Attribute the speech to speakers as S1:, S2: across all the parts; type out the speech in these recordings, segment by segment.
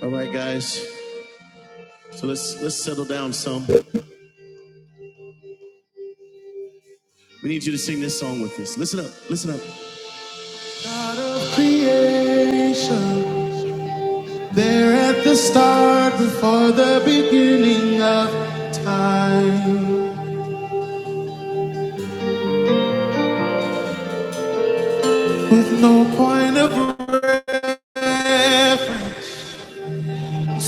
S1: All right, guys. So let's let's settle down some. We need you to sing this song with us. Listen up. Listen up. Creation there at the start before the beginning of time. With no point of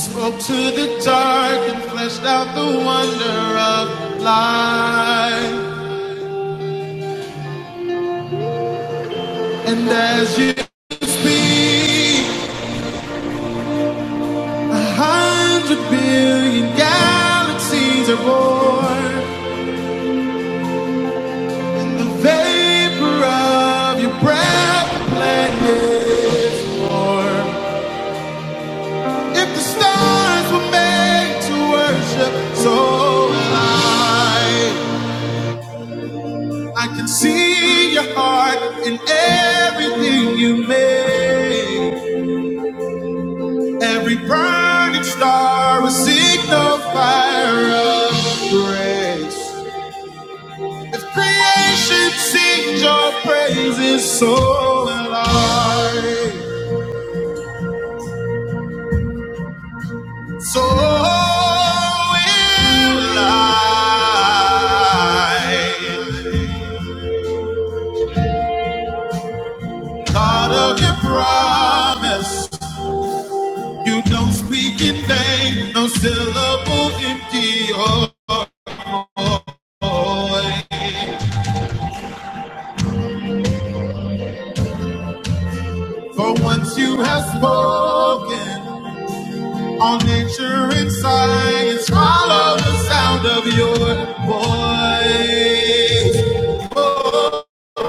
S1: up to the dark and fleshed out the wonder of life. And as you speak, a hundred billion galaxies are born. The vapor of your breath blended warm. If the stars were made to worship, so will I. can see your heart in everything you make. Every burning star will signal fire of grace. If creation sings your praises, so will I. So will I. God of your promise, you don't speak in vain, no syllable empty. Oh, oh, oh. For once you have spoken, All nature and science follow the sound of your voice. voice.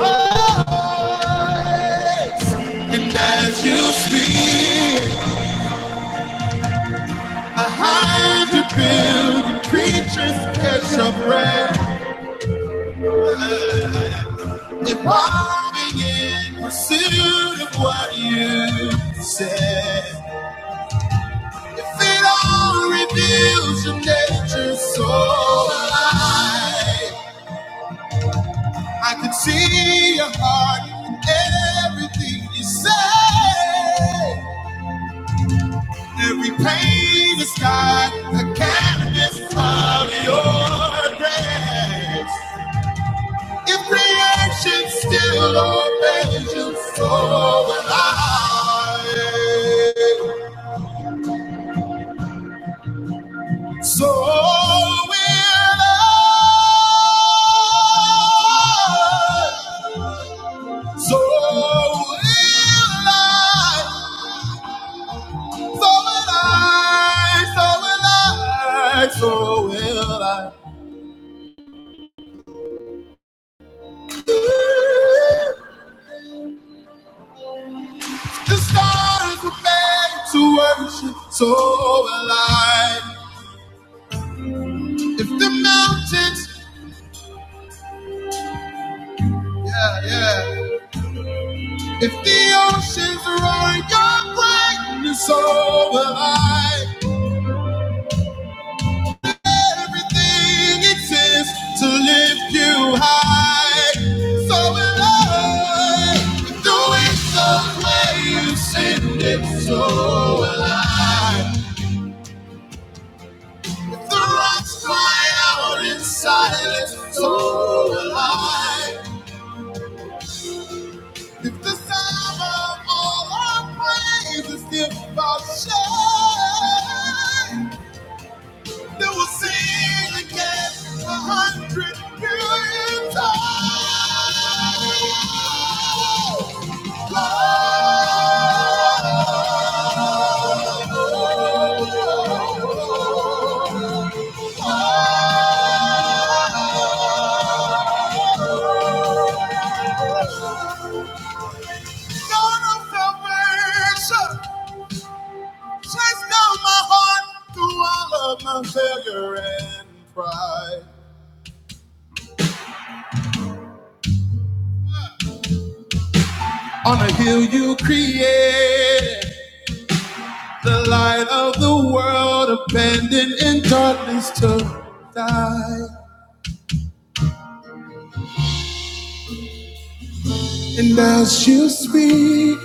S1: And as you speak, a hundred billion creatures catch a breath, evolving in pursuit of what you said. If it all reveals your nature so alive. I can see your heart in everything you say. Every pain is got the canvas of your grace. If creation still obeys you, so will I. So will I. So will I. So will I, so will I, so will I. The stars were made to worship, so will I. If the mountains, yeah, yeah. If the oceans roar your greatness, so will I. Everything exists to lift you high. So will I. Do it the way you send it, so will I. If the rocks cry out in silence, so will I. If the sound of all our praise is still about shame. They will sing again a hundred million times. God of salvation, chase down my heart through all of my failure and pride. On a hill you created the light of the world, abandoned in darkness to die. And as you speak,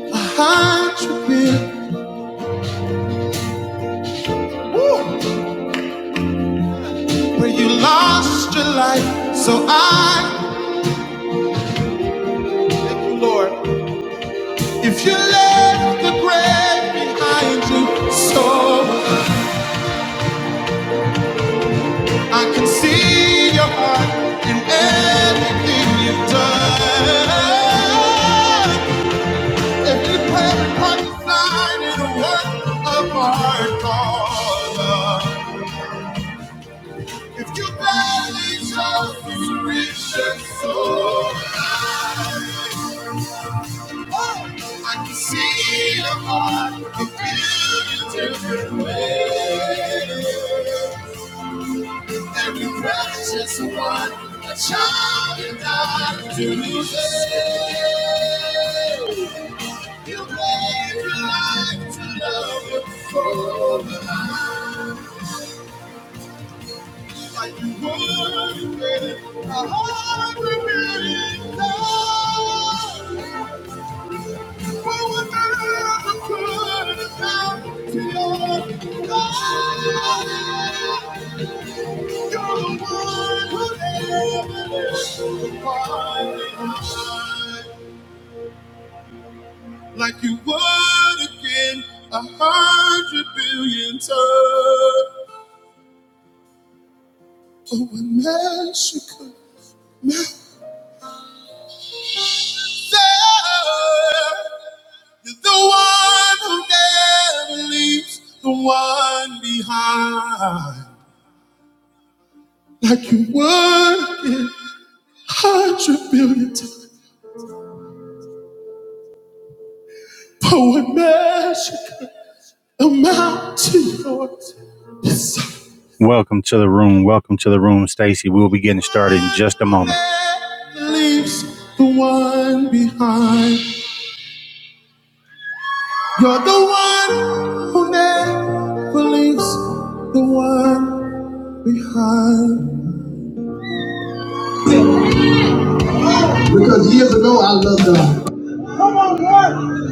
S1: a hundred million. Woo! where you lost your life. So I thank you, Lord. If you left the grave behind you, so I can see your heart in everything you've done. Every prayer, promise, sign, and a work of art, God. If you gladly chose to reach your soul. Oh, I can see your heart you feel in different ways. Every precious one, a child you died to lose. You gave your life to love you for the life. Like you would with a hundred million dollars. What would never put a stop to your love? You're the one who never left far Like you would again a hundred billion times. Oh, and Mexico. You're the one who never leaves the one behind. Like you work in hundred billion times for a magic amount to yours. Yes. Welcome to the room. Welcome to the room, Stacy. We'll be getting started in just a moment. Never Leaves the one behind. You're the one who never leaves the one behind. Because years ago I loved God,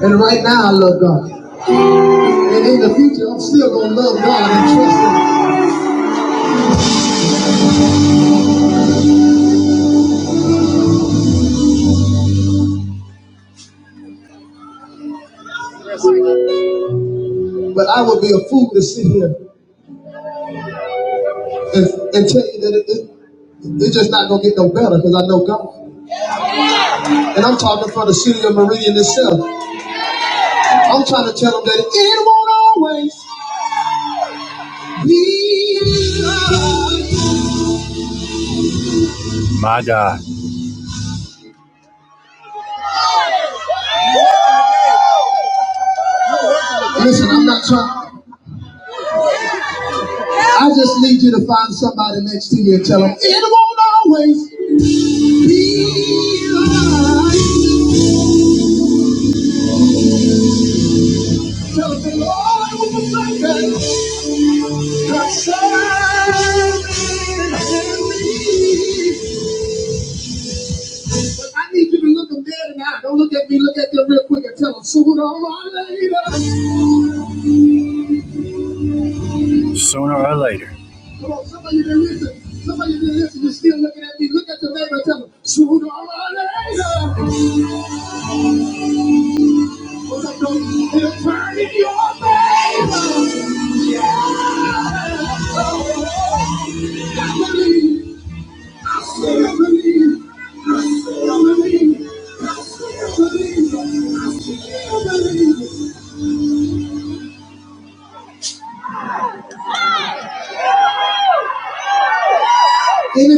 S1: and right now I love God, and in the future I'm still gonna love God and trust Him. But I would be a fool to sit here and, and tell you that it, it, it's just not gonna get no better because I know God, and I'm talking for the city of Meridian itself. I'm trying to tell them that it won't always be. My God. Listen, I'm not trying. I just need you to find somebody next to you and tell them it won't always. be sooner or later. Sooner or later. Come on, somebody didn't listen. Somebody didn't listen. You're still looking at me. Look at the neighbor and tell them sooner or later. What's up, though? It'll turn in your favor. Any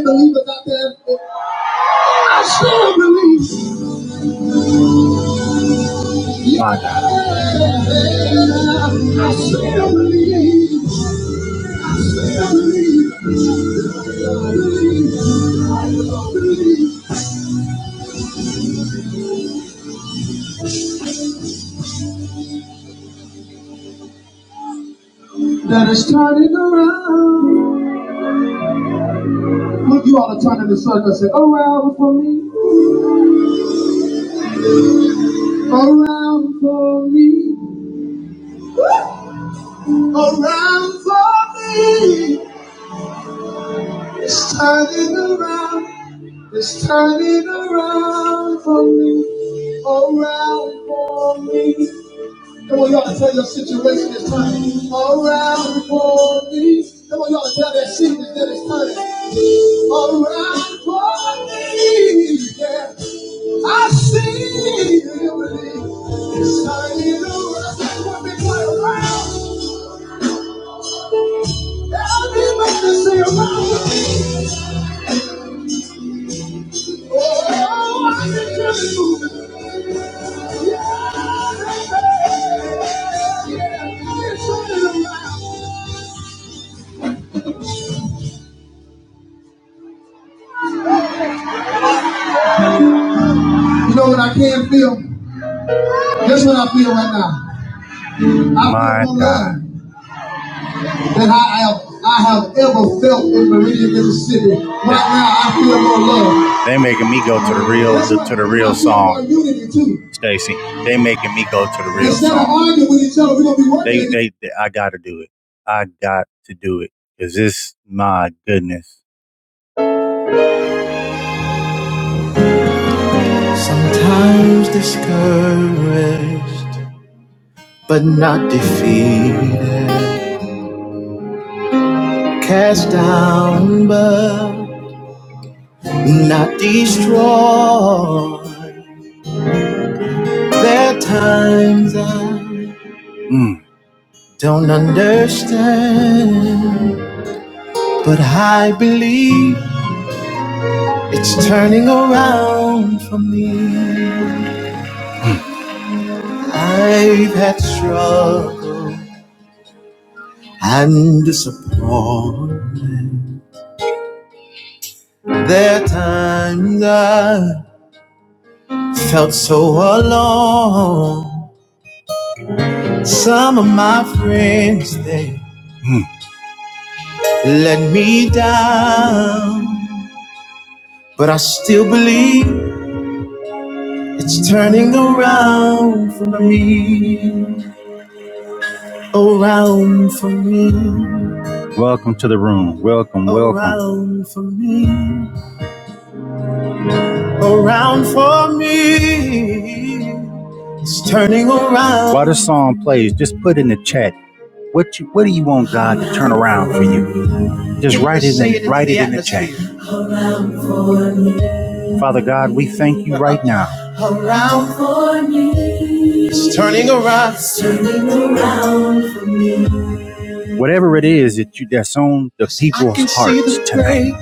S1: believers out there? I still believe. My God. I still believe. I believe. I believe. I believe. That it's turning around. Look, you ought to turn in the circle and say, around for me, around for me, around for me. It's turning around. It's turning around for me, around for me. Come on, y'all to tell your situation is turning around for me. Come on, y'all to tell that season that it's turning around for me. Yeah, I see it, you believe it's turning around. That's what we play around. Everybody say around for me. Oh, I can feel it moving. You know what I can feel? Here's what I feel right now. I feel more love than I have I have ever felt in Meridian, Mississippi. Right now, I feel more love. They making me go to the real to, to the real song, Stacy. They making me go to the real Instead of song. Instead of arguing with each other, we're gonna be They, working. they, they they, I got to do it. I got to do it because this, my goodness, But not destroyed. There are times I mm, don't understand. But I believe it's turning around for me. I've had struggle and disappointment. There are times I felt so alone. Some of my friends, they let me down. But I still believe it's turning around for me. Around for me. Welcome to the room. Welcome, welcome. Around While this song plays, just put in the chat what you what do you want God to turn around for you. Just write it in write it in the chat. Father God, we thank you right now. Whatever it is that you that's on the people's hearts tonight.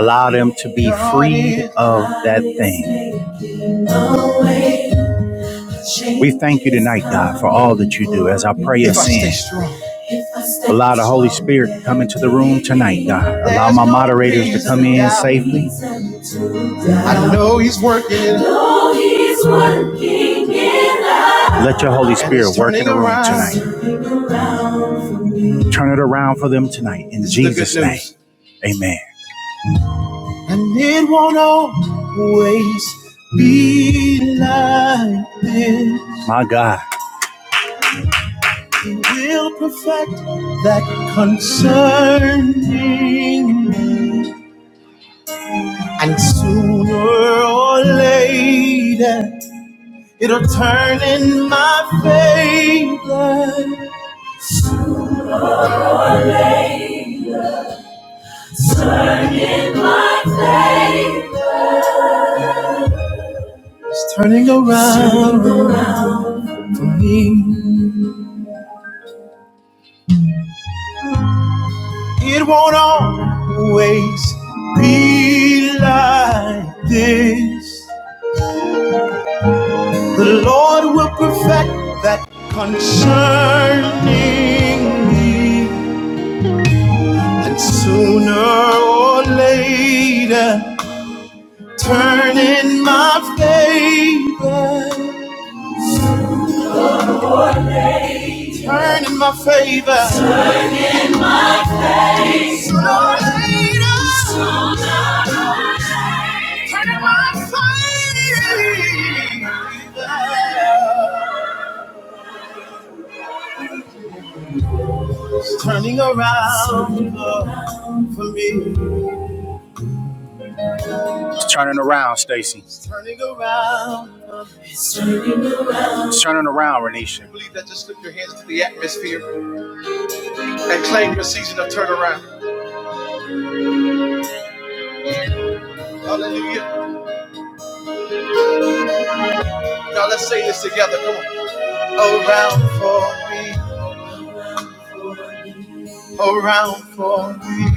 S1: Allow them to be freed of that thing. We thank you tonight, God, for all that you do as our prayers send. Allow the Holy Spirit to come into the room tonight, God. Allow my moderators to come in safely. I know He's working. I know He's working in us. Let your Holy Spirit work in the room tonight. Turn it around for them tonight in Jesus' name. Amen. And it won't always be like this. My God. will perfect that concerning and sooner or later it'll turn in my favor Turn in my favor. it's turning around for me it won't always be like this the lord will perfect that concerning me And sooner or later, turn in my favor. Turn in my favor. It's turning around for me. It's turning around, Stacy. It's turning around. It's turning around, It's turning around, Renisha. I Believe that. Just lift your hands to the atmosphere and claim your season of turnaround. Hallelujah. Now let's say this together. Come on. around for me, around for me,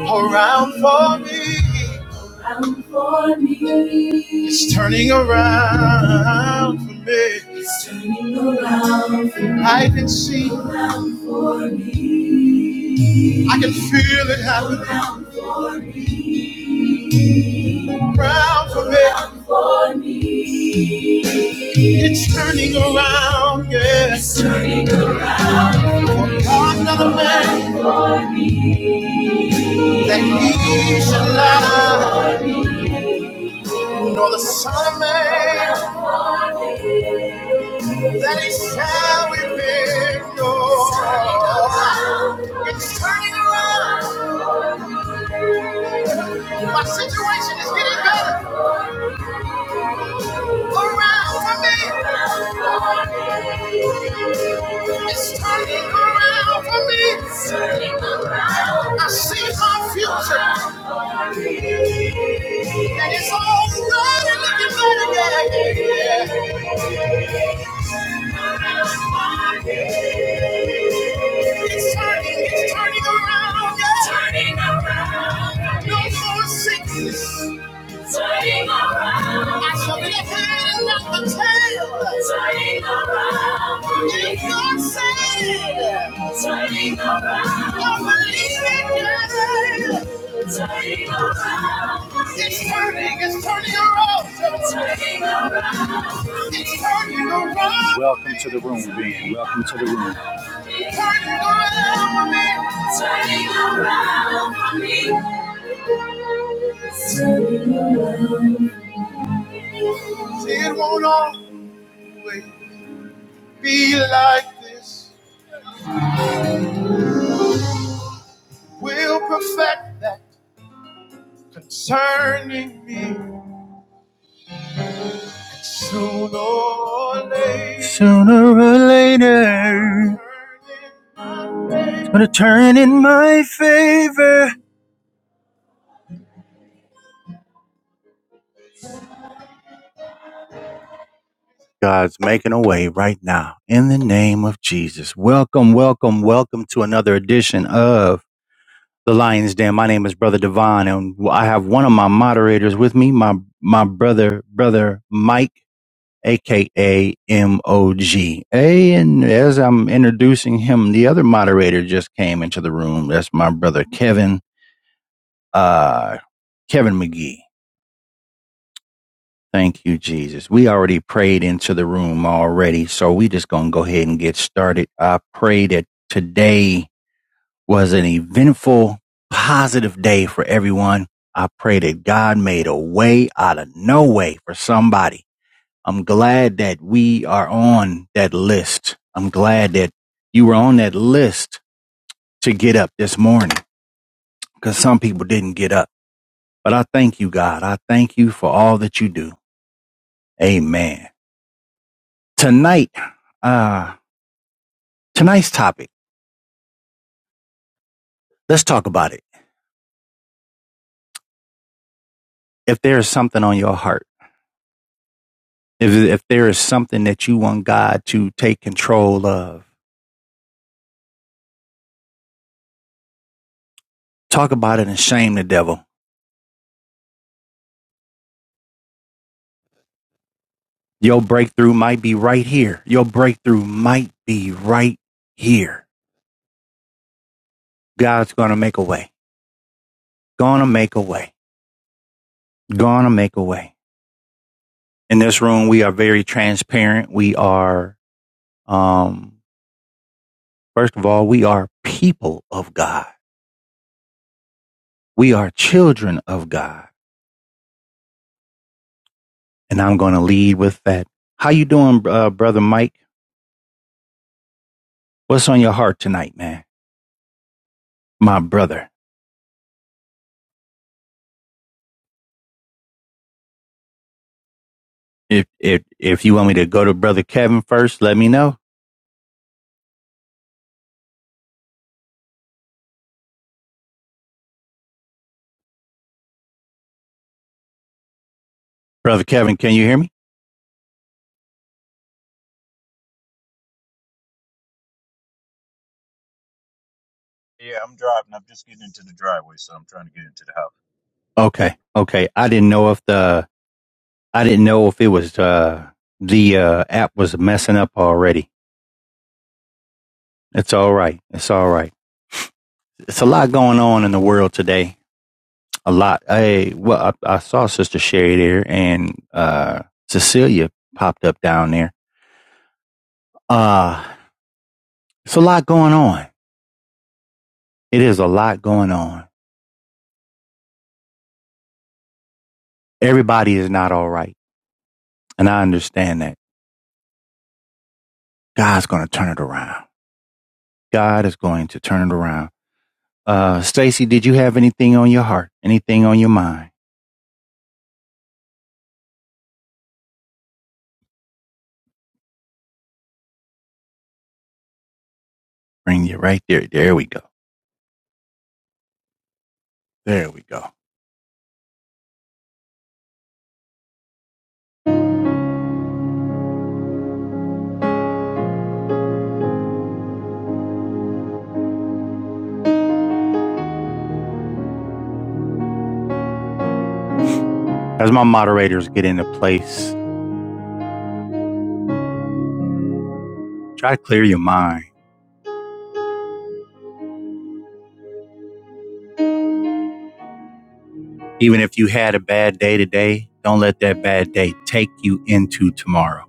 S1: around for me. around for me. It's turning around for me. It's turning around for me. I can see, around for me. I can feel it happening around for me. around for me. Around for me. It's turning around, yes. It's turning around. For another man. that he shall die, nor the Son of Man that he shall be victor. It's turning around. My situation is getting better around for me. It's turning around for me. I see my future, and it's all good and looking better. Yeah. It's turning, it's turning around. Turning around, No more sickness. Turning around. I shall be the head and not the tail. Turning around. If you're saved. Turning around. Don't believe it, God. Turning around. It's turning, it's turning around. Turning around. It's turning around. Welcome to the room, Ben. Welcome to the room. It's Turning around for me. Turning around for me. See, it won't always be like this. We'll perfect that concerning me sooner or later. Sooner or later, it's gonna turn in my favor. God's making a way right now in the name of Jesus. Welcome, welcome, welcome to another edition of. the Lions Den. My name is Brother Devon, and I have one of my moderators with me, my my brother, brother Mike, aka M O G. A and as I'm introducing him, the other moderator just came into the room. That's my brother Kevin, uh, Kevin McGee. Thank you, Jesus. We already prayed into the room already, so we just gonna go ahead and get started. I pray that today was an eventful, positive day for everyone. I pray that God made a way out of no way for somebody. I'm glad that we are on that list. I'm glad that you were on that list to get up this morning because some people didn't get up. But I thank you, God. I thank you for all that you do. Amen. Tonight, uh, tonight's topic, let's talk about it. If there is something on your heart, If, if there is something that you want God to take control of, talk about it and shame the devil. Your breakthrough might be right here. Your breakthrough might be right here. God's going to make a way. Going to make a way. Going to make a way. In this room, we are very transparent. We are, um, first of all, we are people of God. We are children of God. And I'm going to lead with that. How you doing, uh, brother Mike? What's on your heart tonight, man? My brother. If if if you want me to go to Brother Kevin first, let me know. Brother Kevin, can you hear me?
S2: Yeah, I'm driving. I'm just getting into the driveway, so I'm trying to get into the house.
S1: Okay, okay. I didn't know if the I didn't know if it was uh the uh app was messing up already. It's all right. It's all right. It's a lot going on in the world today. A lot. I well, I, I saw Sister Sherry there and uh Cecilia popped up down there. Uh it's a lot going on. It is a lot going on. Everybody is not all right, and I understand that. God's going to turn it around. God is going to turn it around. Uh, Stacy, did you have anything on your heart? Anything on your mind? Bring you right there. There we go. There we go. As my moderators get into place, try to clear your mind. Even if you had a bad day today, don't let that bad day take you into tomorrow.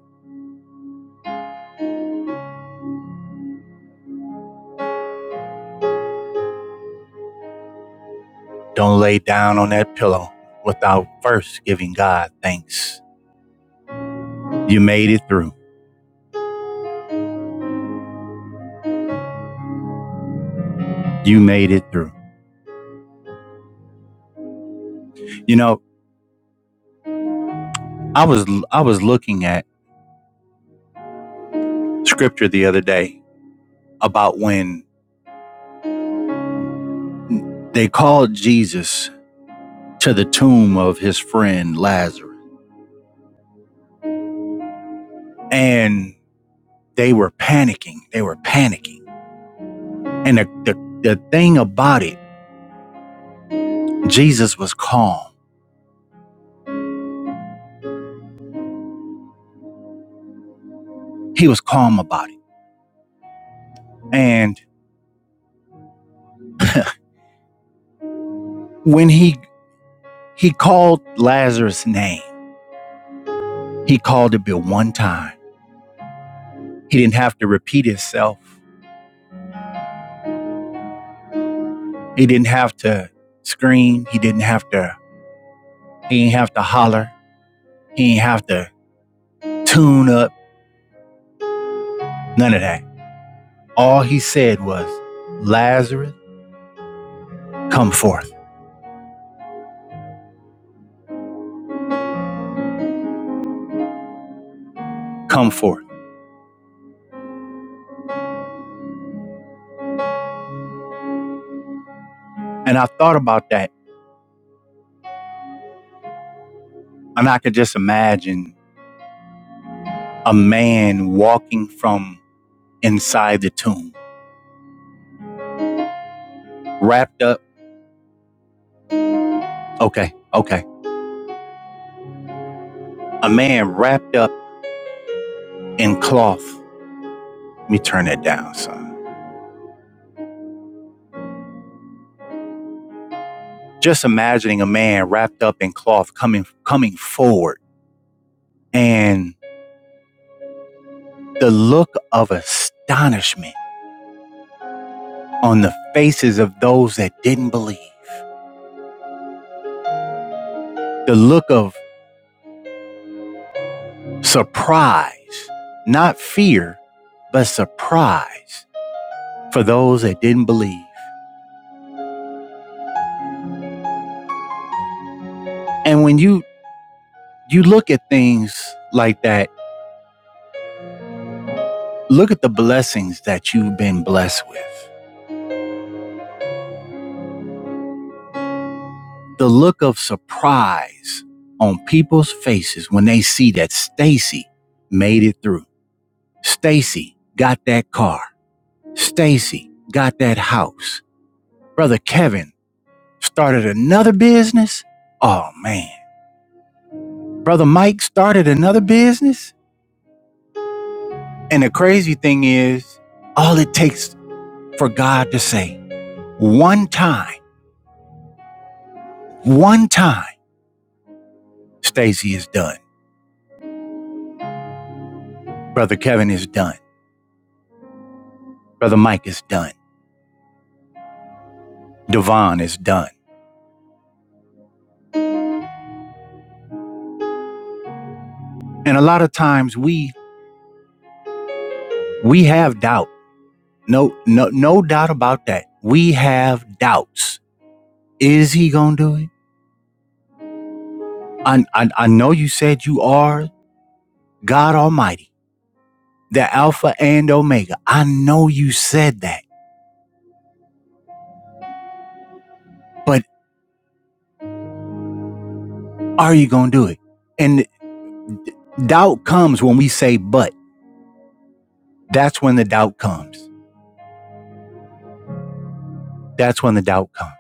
S1: Don't lay down on that pillow without first giving God thanks. You made it through. You made it through. You know, I was I was looking at scripture the other day about when They called Jesus to the tomb of his friend Lazarus, and they were panicking. They were panicking. And the, the, the thing about it, Jesus was calm. He was calm about it. And when he he called Lazarus' name, he called it but one time. He didn't have to repeat himself. He didn't have to scream. He didn't have to, he didn't have to holler. He didn't have to tune up. None of that. all he said was, Lazarus, come forth, come forth. And I thought about that, and I could just imagine a man walking from inside the tomb, wrapped up. Okay, okay. A man wrapped up in cloth. Let me turn that down, son. Just imagining a man wrapped up in cloth coming coming forward and the look of astonishment on the faces of those that didn't believe. The look of surprise, not fear, but surprise for those that didn't believe. And when you you look at things like that, look at the blessings that you've been blessed with. The look of surprise on people's faces when they see that Stacy made it through. Stacy got that car. Stacy got that house. Brother Kevin started another business. Oh man Brother Mike started another business. And the crazy thing is, all it takes for God to say one time, one time, Stacy is done. Brother Kevin is done. Brother Mike is done. Devon is done. And a lot of times we we have doubt. No, no, no doubt about that. We have doubts. Is he gonna do it? I, I, I know you said you are God Almighty, the Alpha and Omega. I know you said that but. Are you going to do it? And doubt comes when we say, but. That's when the doubt comes. That's when the doubt comes.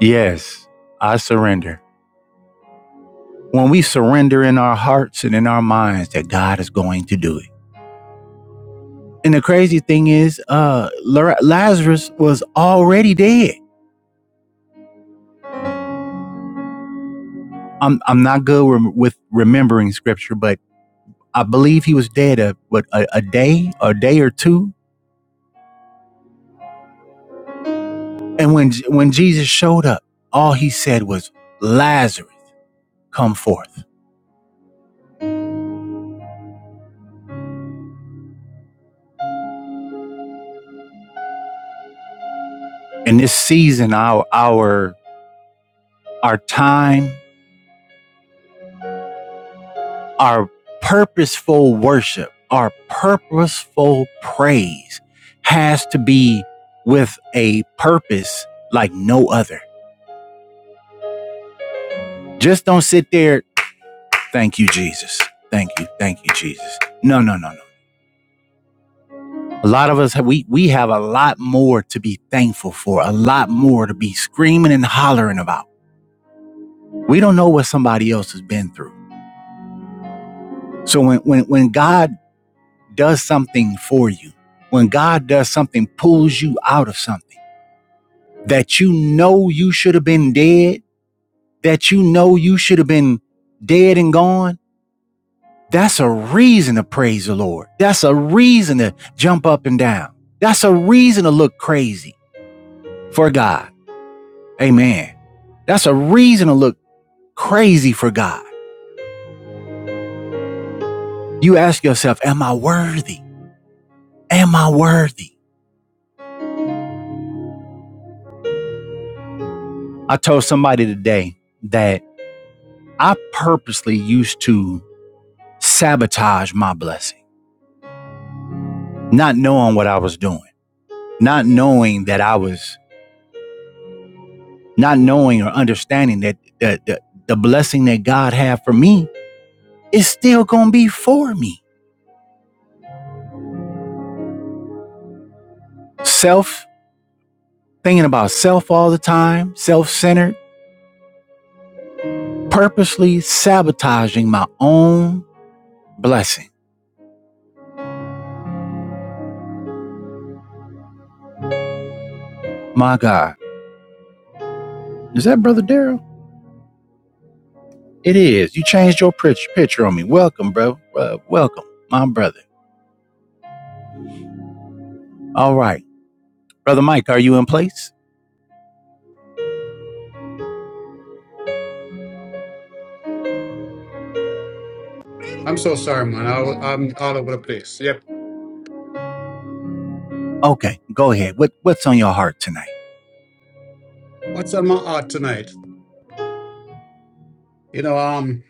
S1: Yes, I surrender. When we surrender in our hearts and in our minds that God is going to do it. And the crazy thing is, uh, Lazarus was already dead. I'm, I'm not good rem- with remembering scripture, but I believe he was dead a, what, a, a day, a day or two. And when, when Jesus showed up, all he said was, Lazarus, come forth. in this season our our our time our purposeful worship our purposeful praise has to be with a purpose like no other just don't sit there thank you jesus thank you thank you jesus no no no no a lot of us we we have a lot more to be thankful for a lot more to be screaming and hollering about we don't know what somebody else has been through so when when when god does something for you, when God does something, pulls you out of something that you know you should have been dead, that you know you should have been dead and gone, that's a reason to praise the Lord. That's a reason to jump up and down. That's a reason to look crazy for God. Amen. That's a reason to look crazy for God. You ask yourself, Am I worthy? Am I worthy? I told somebody today that I purposely used to sabotage my blessing, not knowing what I was doing, not knowing that I was, not knowing or understanding that, that, that the blessing that God had for me is still going to be for me. Self, thinking about self all the time, self centered, purposely sabotaging my own blessing. My God. Is that Brother Daryl? It is. You changed your picture on me. Welcome, bro. Uh, welcome, my brother. All right. Brother Mike, are you in place?
S3: I'm so sorry, man. I, I'm all over the place. Yep.
S1: Okay, go ahead. What what's on your heart tonight?
S3: What's on my heart tonight? You know, um,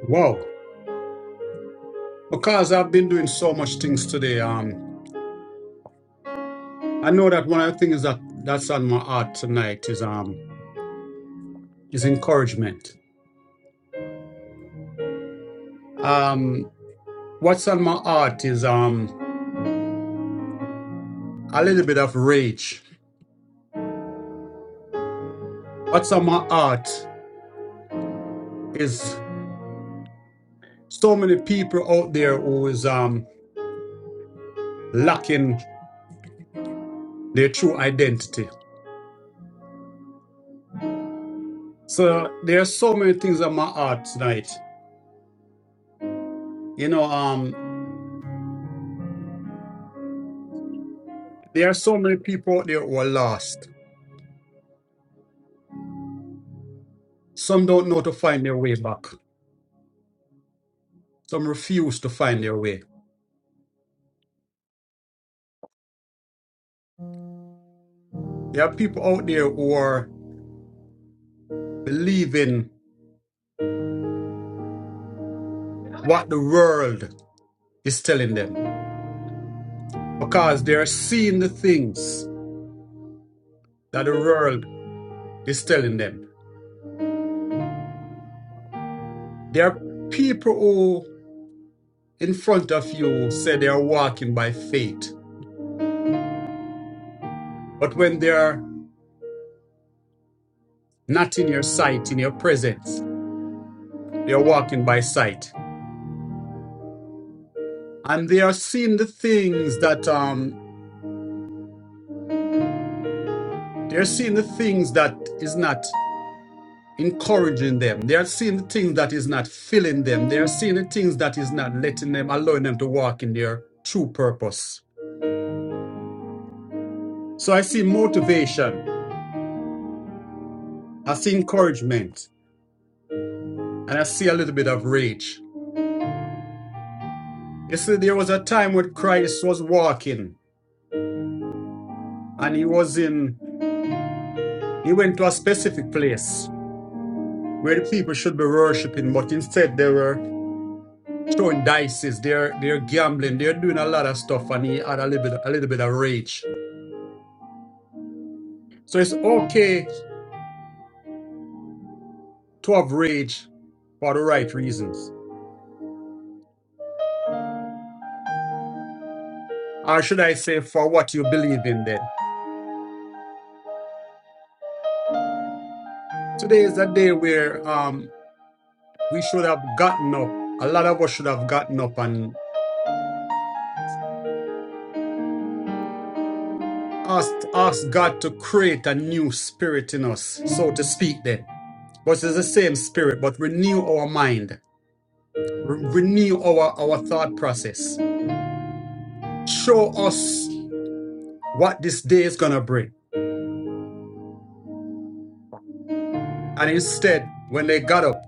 S3: Wow. Because I've been doing so much things today. Um, I know that one of the things that that's on my heart tonight is um is encouragement. Um, what's on my heart is um a little bit of rage. What's on my heart is so many people out there who is um lacking their true identity. So there are so many things on my heart tonight. You know, Um. There are so many people out there who are lost. Some don't know to find their way back. Some refuse to find their way. There are people out there who are believing what the world is telling them because they are seeing the things that the world is telling them. There are people who, in front of you, say they are walking by faith, but when they are not in your sight, in your presence, they are walking by sight and they are seeing the things that um They're seeing the things that is not encouraging them. They are seeing the things that is not filling them. They are seeing the things that is not letting them, allowing them to walk in their true purpose. So I see motivation. I see encouragement. And I see a little bit of rage. You see, there was a time when Christ was walking and he was in, he went to a specific place where the people should be worshiping, but instead they were throwing dices, they're they're gambling, they're doing a lot of stuff, and he had a little bit a little bit of rage. So it's okay to have rage for the right reasons, or should I say, for what you believe in. Then today is a day where um we should have gotten up. A lot of us should have gotten up and asked asked God to create a new spirit in us, so to speak. Then, but it's the same spirit, but renew our mind, re- renew our our thought process, show us what this day is gonna bring. And instead, when they got up,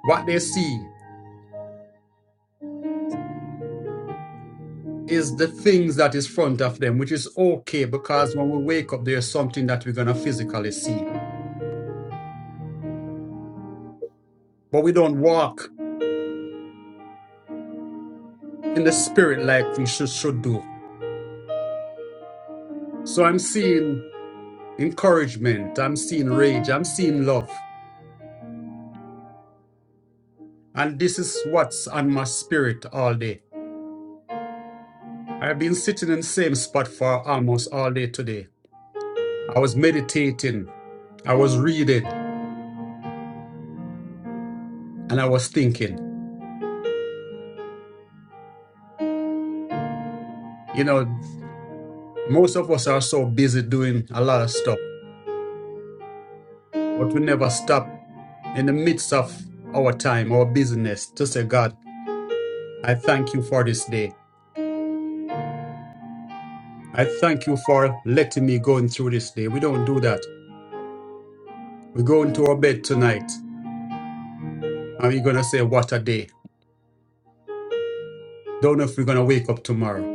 S3: what they see is the things that is front of them, which is okay because when we wake up, there's something that we're gonna physically see, but we don't walk in the spirit like we should should do. So I'm seeing encouragement, I'm seeing rage, I'm seeing love, and this is what's on my spirit all day. I've been sitting in the same spot for almost all day today. I was meditating, I was reading, and I was thinking. You know, most of us are so busy doing a lot of stuff, but we never stop in the midst of our time, our business, to say, God, I thank you for this day. I thank you for letting me go through this day. We don't do that. We go into our bed tonight and we're going to say, What a day. Don't know if we're going to wake up tomorrow.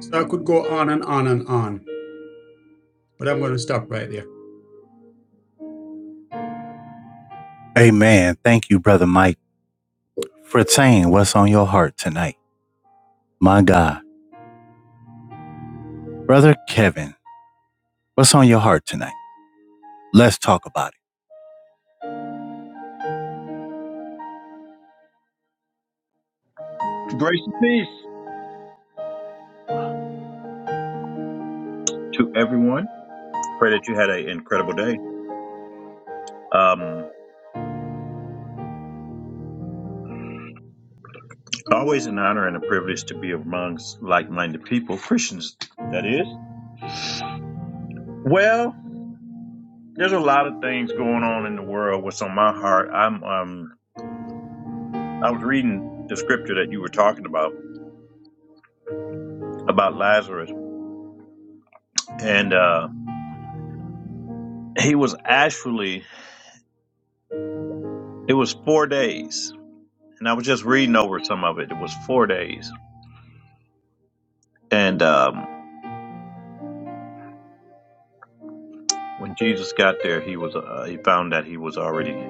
S3: So I could go on and on and on, but I'm going to stop right there.
S1: Amen. Thank you, brother Mike, for saying what's on your heart tonight. My God, brother Kevin, what's on your heart tonight? Let's talk about
S2: Grace and peace to everyone. Pray that you had an incredible day. Um, always an honor and a privilege to be amongst like-minded people, Christians, that is. Well, there's a lot of things going on in the world. What's on my heart? I'm um, I was reading the scripture that you were talking about about Lazarus, and uh, he was actually it was four days, and I was just reading over some of it. It was four days, and um. When Jesus got there, he was uh, he found that he was already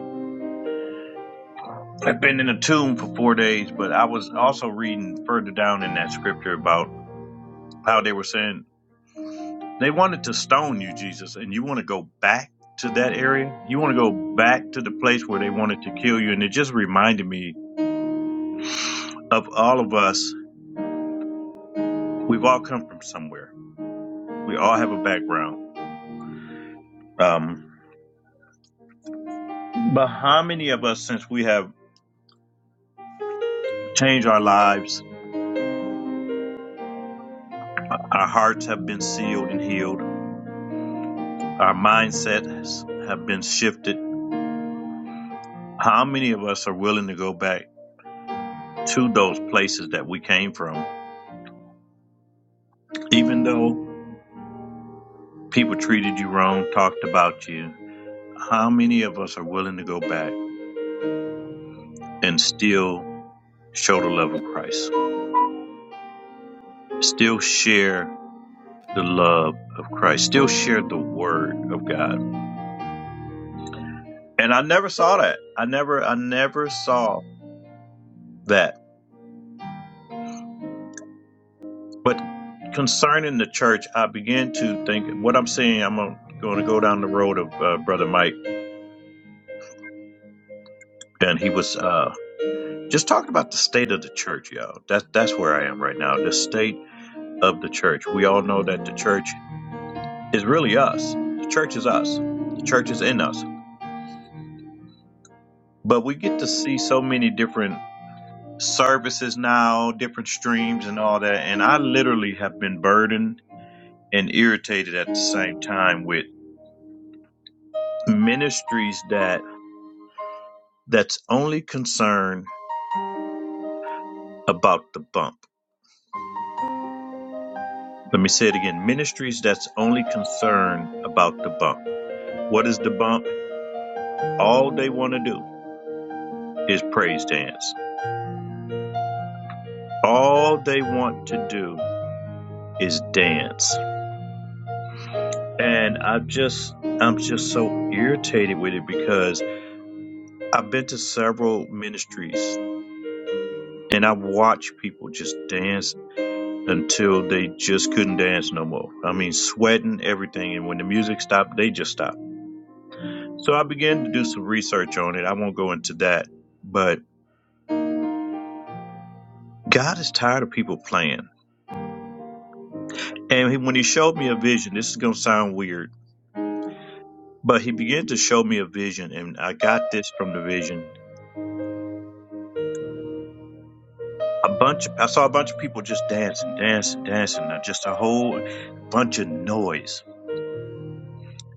S2: had been in a tomb for four days. But I was also reading further down in that scripture about how they were saying they wanted to stone you, Jesus, and you want to go back to that area. You want to go back to the place where they wanted to kill you, and it just reminded me of all of us. We've all come from somewhere. We all have a background. Um, but how many of us, since we have changed our lives, our hearts have been sealed and healed? Our mindsets have been shifted. How many of us are willing to go back to those places that we came from? Even though people treated you wrong, talked about you, how many of us are willing to go back and still show the love of Christ? Still share the love of Christ, still share the word of God. And I never saw that. I never I never saw that But concerning the church, I began to think what I'm saying. I'm going to go down the road of uh, Brother Mike, and he was uh, just talking about the state of the church, y'all. That, that's where I am right now. The state of the church. We all know that the church is really us. The church is us. The church is in us. But we get to see so many different services now, different streams, and all that. And I literally have been burdened and irritated at the same time with ministries that that's only concerned about the bump. Let me say it again ministries that's only concerned about the bump. What is the bump? All they want to do is praise dance. All they want to do is dance. And I just, I'm just so irritated with it because I've been to several ministries and I've watched people just dance until they just couldn't dance no more. I mean, sweating everything. And when the music stopped, they just stopped So I began to do some research on it. I won't go into that, but God is tired of people playing. And he, when he showed me a vision, this is going to sound weird, but he began to show me a vision, and I got this from the vision. A bunch of I saw a bunch of people just dancing, dancing, dancing, uh, just a whole bunch of noise.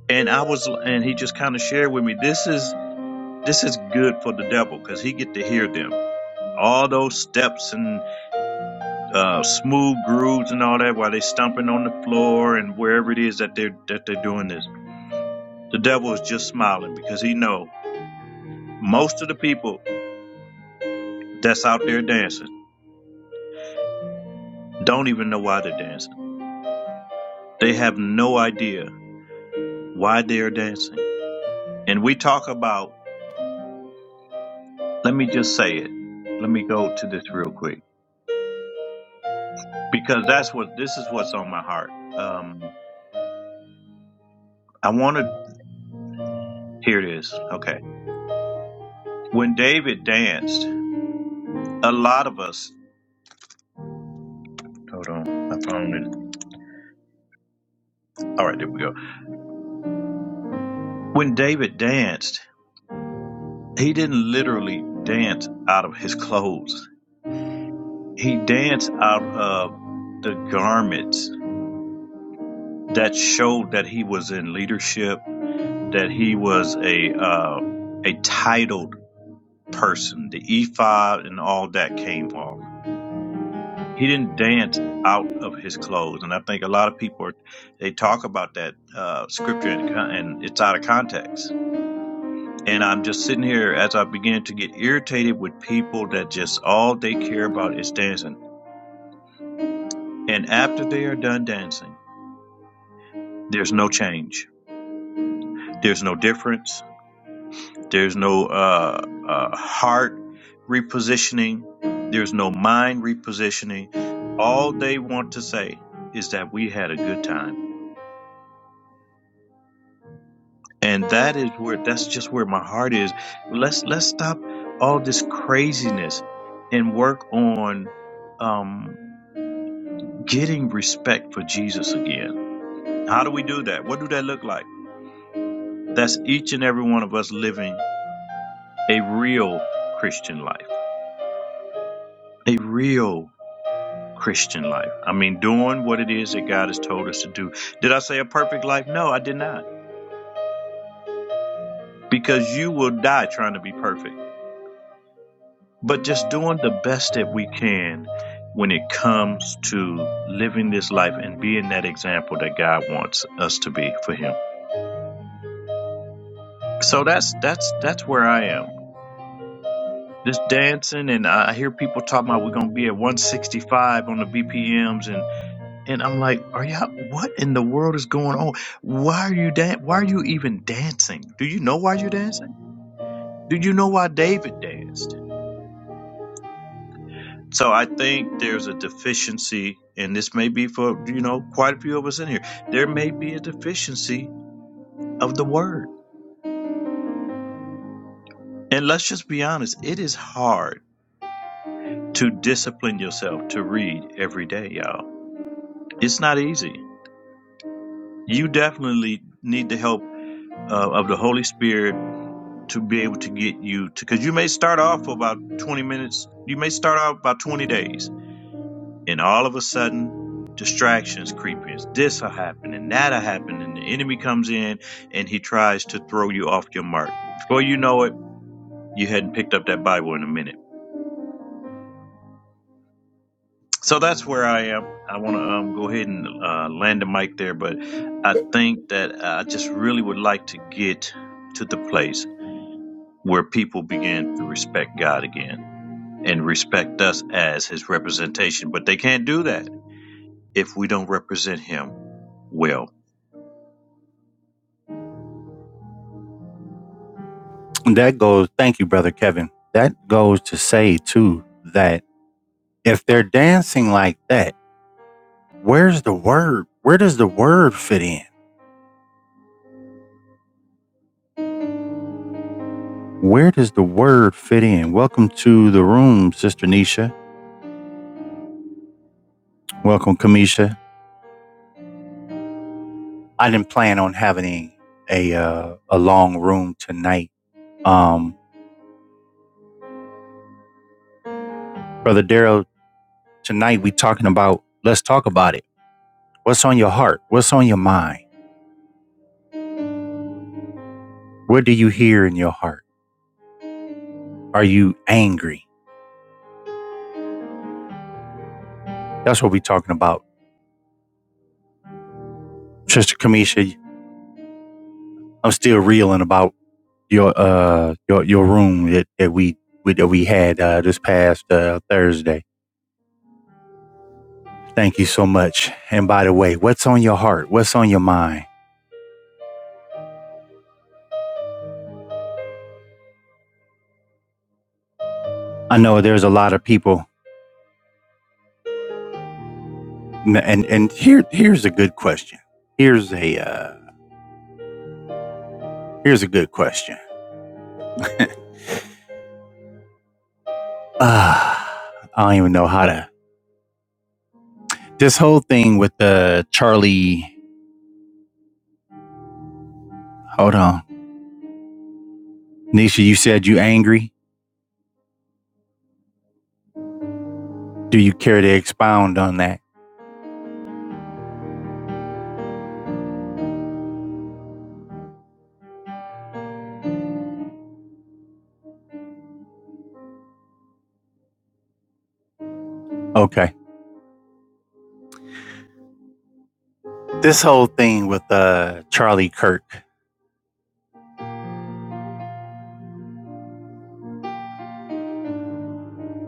S2: And I was, and he just kind of shared with me, this is this is good for the devil because he get to hear them. All those steps and." uh, smooth grooves and all that while they're stomping on the floor and wherever it is that they're that they're doing this. The devil is just smiling because he know most of the people that's out there dancing don't even know why they're dancing. They have no idea why they're dancing. And we talk about let me just say it. Let me go to this real quick. Because that's what this is what's on my heart. Um I wanna hear this. Okay. When David danced, a lot of us hold on, my phone and all right, there we go When David danced, he didn't literally dance out of his clothes. He danced out of the garments that showed that he was in leadership, that he was a uh, a titled person. The ephod and all that came off. He didn't dance out of his clothes, and I think a lot of people are, they talk about that uh, scripture and, con- and it's out of context. And I'm just sitting here as I begin to get irritated with people that just all they care about is dancing. And after they are done dancing, there's no change. There's no difference. There's no uh, uh, heart repositioning. There's no mind repositioning. All they want to say is that we had a good time. And that is where that's just where my heart is. Let's let's stop all this craziness and work on um, getting respect for Jesus again. How do we do that? What do that look like? That's each and every one of us living a real Christian life, a real Christian life. I mean, doing what it is that God has told us to do. Did I say a perfect life? No, I did not, because you will die trying to be perfect. But just doing the best that we can when it comes to living this life and being that example that God wants us to be for Him. So that's that's that's where I am just dancing and I hear people talking about we're gonna be at 165 on the BPMs and and I'm like, are y'all what in the world is going on? Why are you dan- why are you even dancing? Do you know why you're dancing? Do you know why David danced? So I think there's a deficiency, and this may be for you know quite a few of us in here. There may be a deficiency of the word. And let's just be honest, it is hard to discipline yourself to read every day, y'all. It's not easy you definitely need the help uh, of the Holy Spirit to be able to get you to because you may start off for about 20 minutes, you may start off about 20 days, and all of a sudden distractions creep in. This will happen and that'll happen, and the enemy comes in and he tries to throw you off your mark. Before you know it, you hadn't picked up that Bible in a minute. So that's where I am. I want to um, go ahead and uh, land the mic there, but I think that I just really would like to get to the place. where people begin to respect God again and respect us as his representation. But they can't do that if we don't represent him well.
S1: it. That goes. Thank you, brother Kevin. That goes to say too that if they're dancing like that, where's the word? Where does the word fit in? Where does the word fit in? Welcome to the room, Sister Nisha. Welcome, Kamisha. I didn't plan on having a uh, a long room tonight Um, Brother Daryl, tonight we talking about let's talk about it. What's on your heart? What's on your mind? What do you hear in your heart? Are you angry? That's what we talking about. Sister Kamisha, I'm still reeling about your uh your your room that, that we we- that we had uh, this past uh, Thursday. Thank you so much. And by the way, what's on your heart? What's on your mind? I know there's a lot of people, and and here here's a good question. Here's a uh, here's a good question Uh, I don't even know how to. This whole thing with the Charlie. Hold on, Nisha. You said you angry. Do you care to expound on that? Okay. This whole thing with uh Charlie Kirk.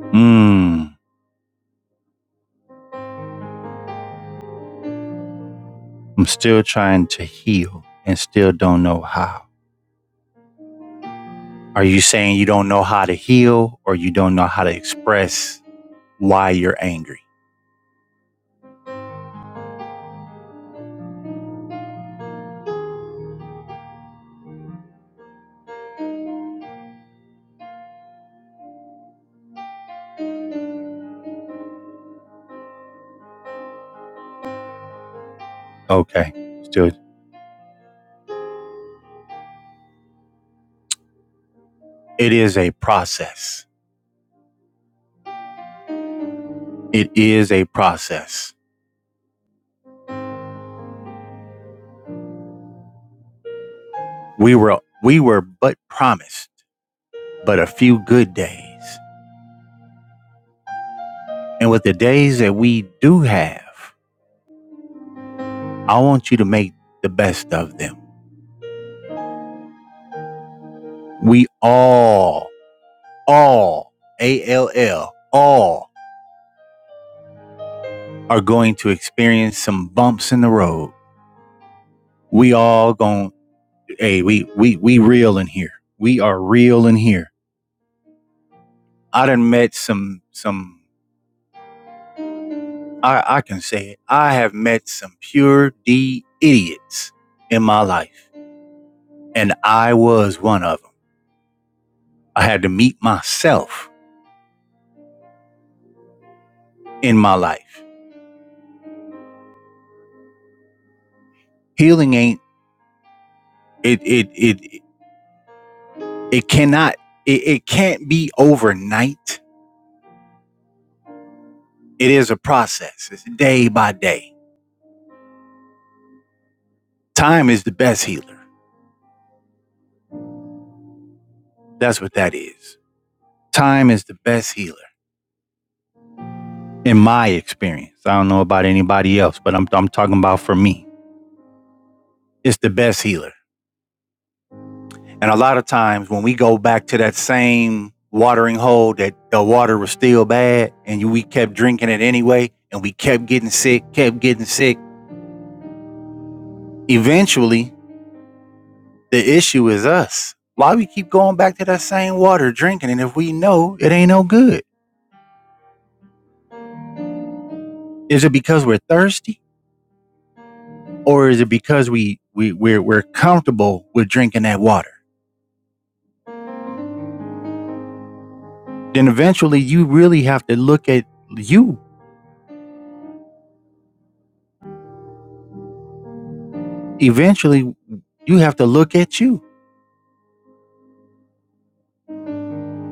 S1: Mmm. I'm still trying to heal and still don't know how. Are you saying you don't know how to heal or you don't know how to express why you're angry? Okay. Still, it is a process. It is a process We were we were but promised but a few good days. And with the days that we do have, I want you to make the best of them. We all, all, A L L, all are going to experience some bumps in the road. We all going hey, we we we real in here. We are real in here. I done met some some I, I can say it. I have met some pure D idiots in my life And I was one of them. I had to meet myself in my life. Healing ain't it it it it cannot it, it can't be overnight. It is a process. It's day by day. Time is the best healer. That's what that is. Time is the best healer in my experience. I don't know about anybody else, but I'm I'm talking about for me. It's the best healer. And a lot of times when we go back to that same watering hole that the water was still bad and we kept drinking it anyway and we kept getting sick, kept getting sick, eventually the issue is us. Why we keep going back to that same water drinking and if we know it ain't no good? Is it because we're thirsty or is it because we we we're, we're comfortable with drinking that water? Then eventually you really have to look at you. Eventually you have to look at you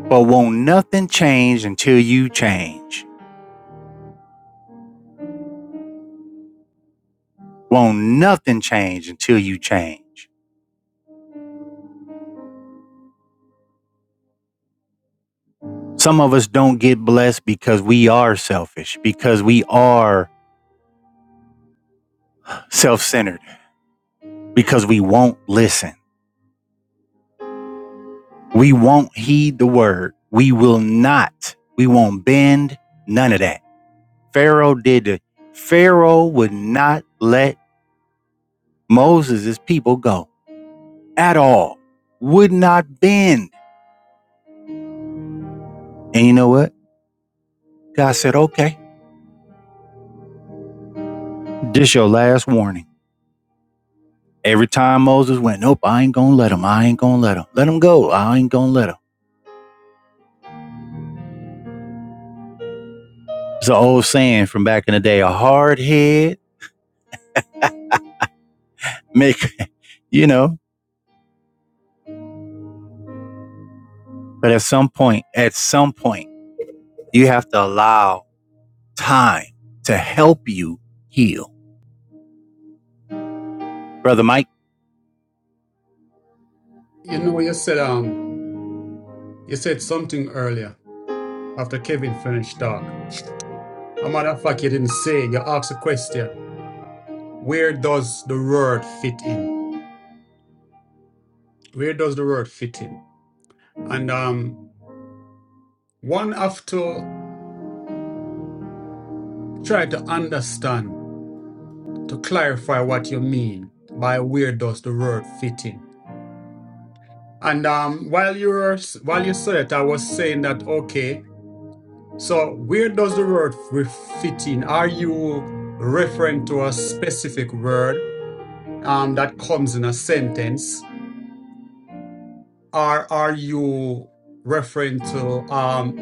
S1: But won't nothing change until you change. Won't nothing change until you change. Some of us don't get blessed because we are selfish, because we are self centered, because we won't listen. We won't heed the word. We will not. We won't bend. None of that. Pharaoh did it. Pharaoh would not let Moses' people go at all, would not bend. And you know what? God said, okay, this your last warning. Every time Moses went, nope, I ain't gonna let him. I ain't gonna let him. Let him go. I ain't gonna let him. It's an old saying from back in the day. A hard head make, you know. But at some point, at some point, you have to allow time to help you heal. Brother Mike,
S3: You know, you said, um, you said something earlier after Kevin finished talk. A matter of fact, you didn't say, you asked a question. Where does the word fit in? Where does the word fit in? And um, One have to try to understand to clarify what you mean by where does the word fit in. And um, while you were while you said it, I was saying that okay. So where does the word f- fit in? Are you referring to a specific word um, that comes in a sentence, or are you referring to um,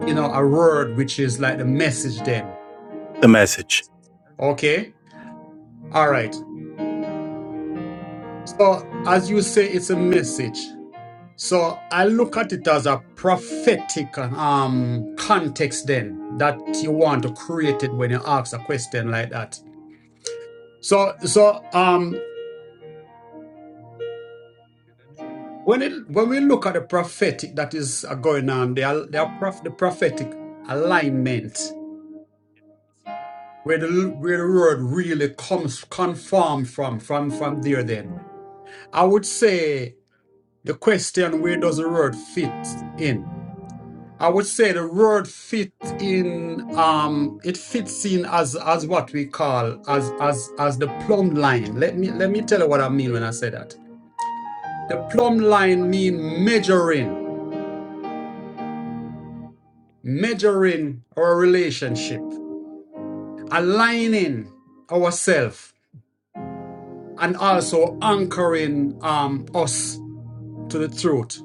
S3: you know a word which is like the message? Then
S1: the message.
S3: okay, all right. So as you say, it's a message. So I look at it as a prophetic um, context then that you want to create it when you ask a question like that. So so um when it, when we look at the prophetic that is uh, going on, the al- the, prof, the prophetic alignment where the l- where the word really comes confirmed from from from there. Then I would say the question where does the word fit in? I would say the word fit in um it fits in as as what we call as as as the plumb line. Let me let me tell you what I mean when I say that. The plumb line mean measuring, measuring our relationship, aligning ourselves and also anchoring um us to the truth.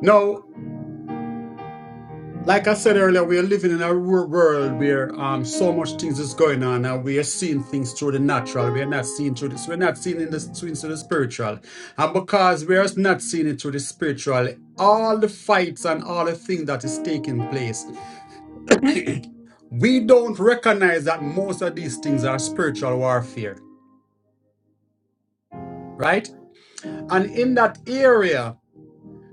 S3: Now, Like I said earlier, we are living in a wor- world where um so much things is going on, and we are seeing things through the natural. We are not seeing through this. We're not seeing in the through into the spiritual, and because we are not seeing it through the spiritual, all the fights and all the things that is taking place, we don't recognize that most of these things are spiritual warfare, right? And in that area,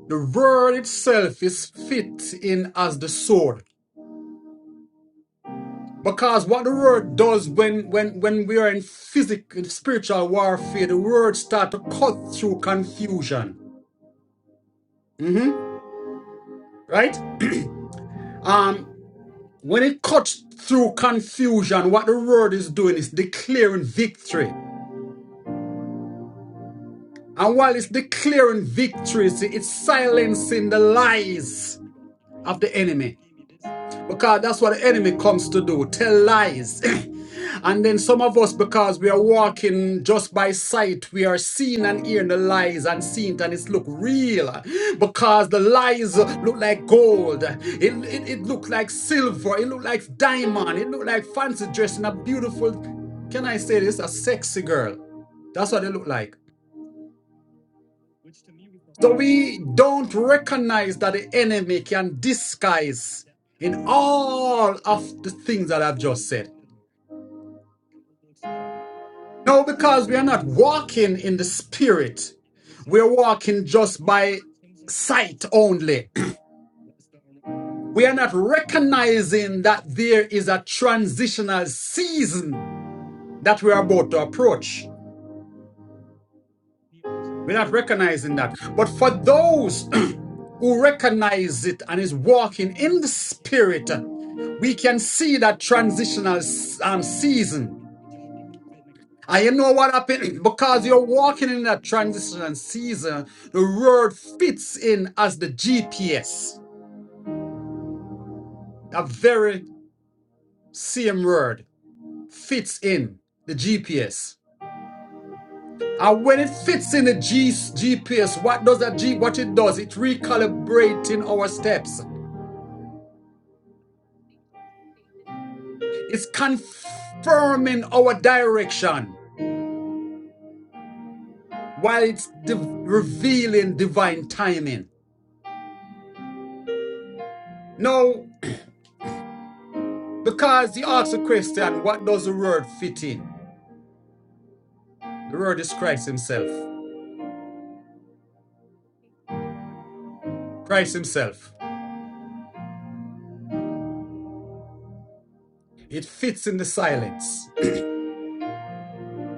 S3: the word itself is fit in as the sword Because what the word does when when when we are in physical spiritual warfare, the word start to cut through confusion. hmm Right? Um, when it cuts through confusion, what the word is doing is declaring victory. And while it's declaring victory, it's it's silencing the lies of the enemy. Because that's what the enemy comes to do, tell lies. and then some of us, because we are walking just by sight, we are seeing and hearing the lies and seeing it and it's look real. Because the lies look like gold. It, it, it look like silver. It look like diamond. It look like fancy dress and a beautiful, can I say this, a sexy girl. That's what they look like. So we don't recognize that the enemy can disguise. in all of the things that I've just said. No, because we are not walking in the spirit. We're walking just by sight only. We are not recognizing that there is a transitional season that we are about to approach. We're not recognizing that. But for those who recognize it and is walking in the spirit, we can see that transitional um, season And you know what happened? Because you're walking in that transition season, the word fits in as the GPS. That very same word fits in the GPS. And when it fits in the G- GPS, what does that G what it does? It recalibrating our steps. It's confirming our direction while it's div- revealing divine timing. Now, because you ask the question, what does the word fit in? The word is Christ himself. Christ himself. It fits in the silence.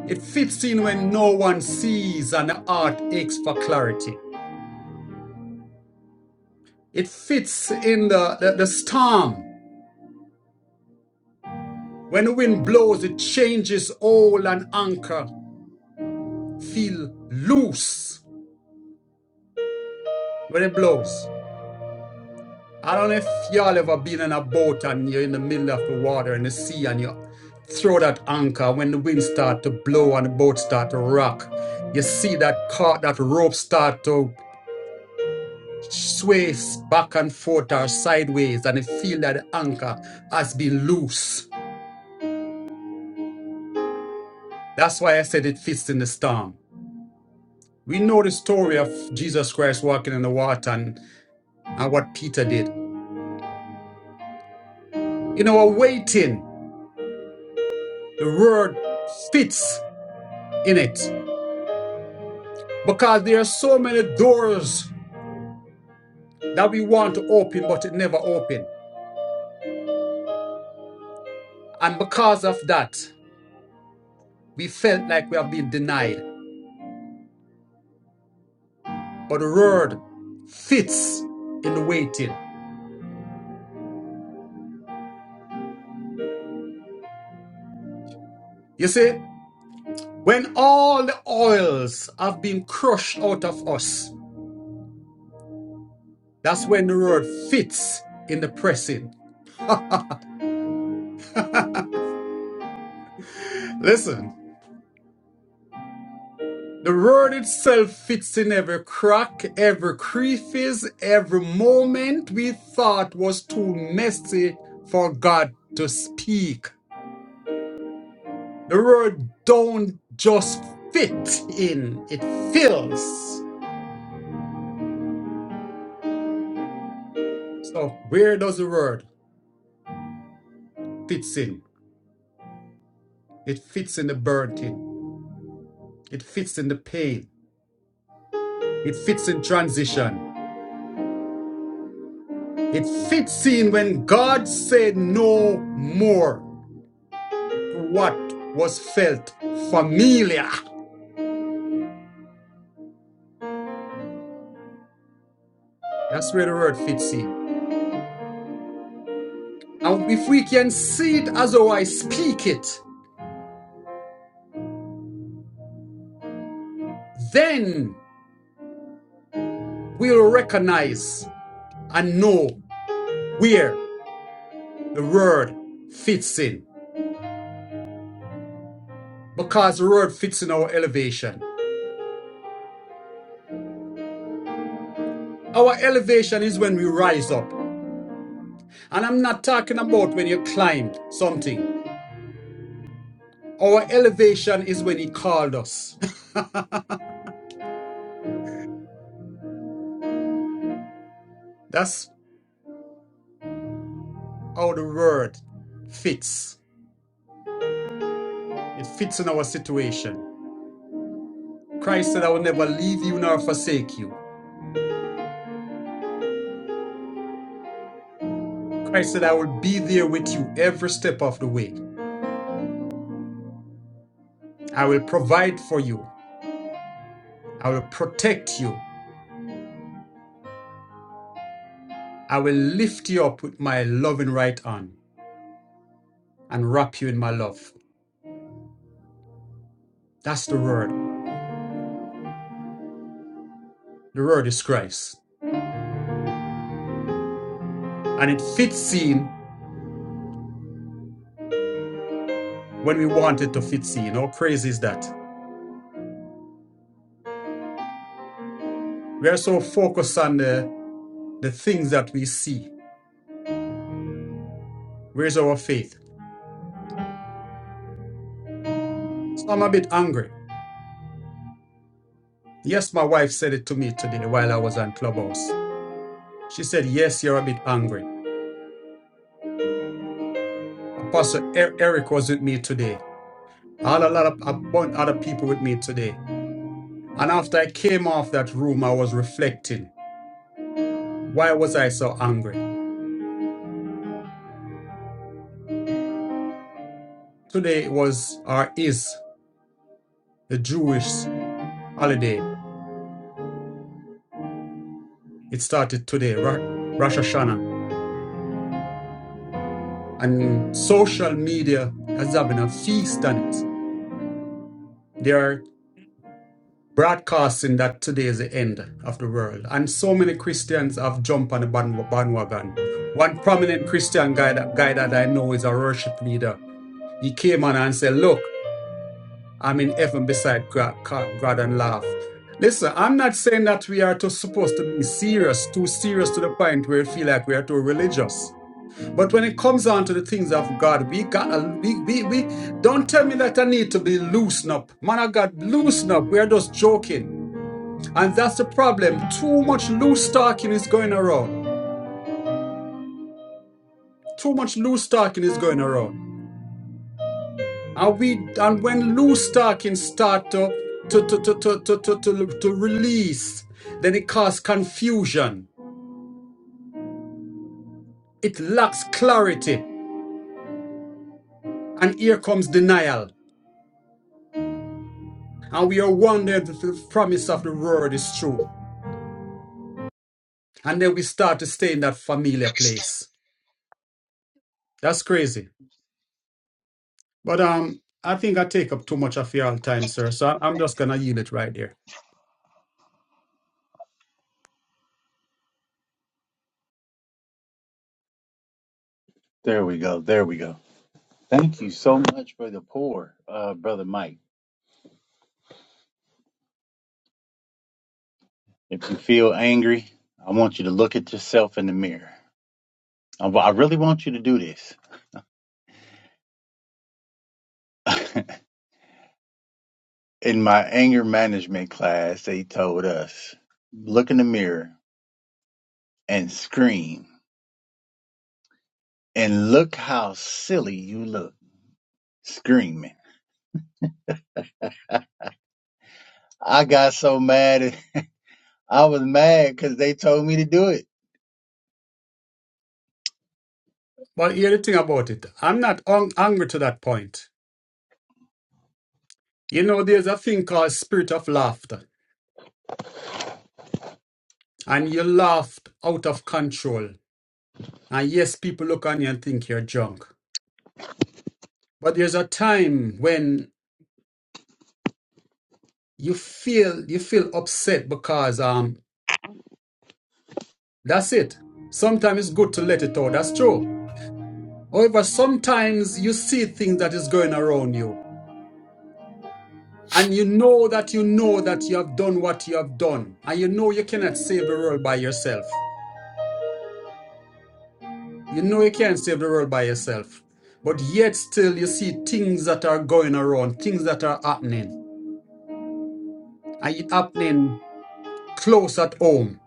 S3: It fits in when no one sees and the heart aches for clarity. It fits in the, the, the storm. When the wind blows, it changes all and anchor feel loose when it blows. I don't know if y'all ever been in a boat and you're in the middle of the water in the sea and you throw that anchor when the wind start to blow and the boat start to rock. You see that cart, that rope start to sway back and forth or sideways and you feel that the anchor has been loose. That's why I said it fits in the storm. We know the story of Jesus Christ walking in the water and, and what Peter did. In our waiting, the word fits in it. because there are so many doors that we want to open but it never open and because of that we felt like we have been denied but the word fits in the waiting you see when all the oils have been crushed out of us that's when the word fits in the pressing listen The word itself fits in every crack, every crevice, every moment we thought was too messy for God to speak. The word don't just fit in, it fills. So where does the word fits in? It fits in the burden. It fits in the pain. It fits in transition. It fits in when God said no more to what was felt familiar. That's where the word fits in. And if we can see it as how I speak it, then we'll recognize and know where the word fits in. Because the word fits in our elevation. Our elevation is when we rise up. And I'm not talking about when you climbed something. Our elevation is when he called us. That's how the word fits. It fits in our situation. Christ said, I will never leave you nor forsake you. Christ said, I will be there with you every step of the way. I will provide for you. I will protect you. I will lift you up with my loving right hand and wrap you in my love. That's the word. The word is Christ. And it fits in when we want it to fit in. How crazy is that? We are so focused on the, the things that we see. Where's our faith? So I'm a bit angry. Yes, my wife said it to me today while I was on Clubhouse. She said, Yes, you're a bit angry. Apostle Er- Eric was with me today. I had a lot of a bunch of other people with me today. And after I came off that room, I was reflecting. Why was I so angry? Today was or is the Jewish holiday. It started today, Ra- Rosh Hashanah. And social media is having a feast on it. broadcasting that today is the end of the world. And so many Christians have jumped on the band- bandwagon. One prominent Christian guy that, guy that I know is a worship leader. He came on and said, Look, I'm in heaven beside God, God and laugh. Listen, I'm not saying that we are too supposed to be serious, too serious to the point where we feel like we are too religious. But when it comes down to the things of God, we got a, we, we, we don't tell me that I need to be loosened up. Man of God, loosen up. We are just joking. And that's the problem. Too much loose talking is going around. Too much loose talking is going around. And we and when loose talking start to to to to to to to, to, to release, then it causes confusion. It lacks clarity. And here comes denial. And we are wondering if the promise of the word is true. And then we start to stay in that familiar place. That's crazy. But um I think I take up too much of your time, sir. So I- I'm just gonna yield it right there.
S1: There we go. There we go. Thank you so much for the pour, uh, Brother Mike. If you feel angry, I want you to look at yourself in the mirror. I I really want you to do this. In my anger management class, they told us, look in the mirror and scream. And look how silly you look screaming. I got so mad. I was mad because they told me to do it.
S3: But hear the thing about it. I'm not un- angry to that point. You know, there's a thing called spirit of laughter, and you laughed out of control. And yes, people look on you and think you're drunk. But there's a time when you feel you feel upset because um that's it. Sometimes it's good to let it out. That's true. However, sometimes you see things that is going around you, and you know that you know that you have done what you have done, and you know you cannot save the world by yourself. You know you can't save the world by yourself, but yet still you see things that are going around, things that are happening, and it happening close at home.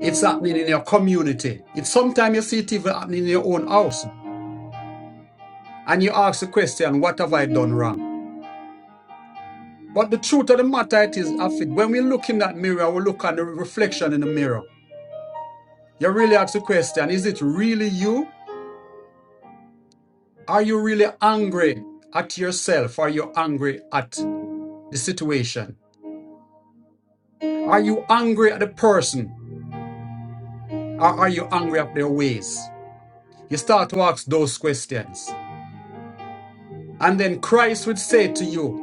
S3: It's happening in your community. It's sometimes you see it even happening in your own house, and you ask the question, "What have I done wrong?" But the truth of the matter it is, Afid, when we look in that mirror, we look at the reflection in the mirror. You really ask the question, is it really you? Are you really angry at yourself? Are you angry at the situation? Are you angry at the person? Or are you angry at their ways? You start to ask those questions. And then Christ would say to you,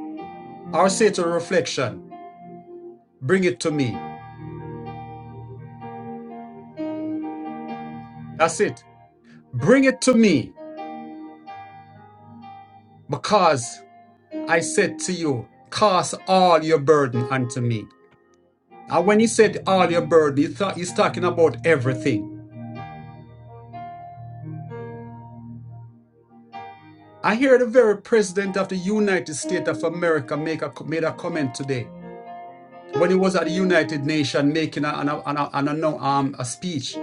S3: or say to the reflection, bring it to me. That's it. Bring it to me because I said to you, cast all your burden unto me. And when he said all your burden, he thought he's talking about everything. I hear the very president of the United States of America make a, made a comment today when he was at the United Nations making a, an, a, an, an, a, no- um, a speech,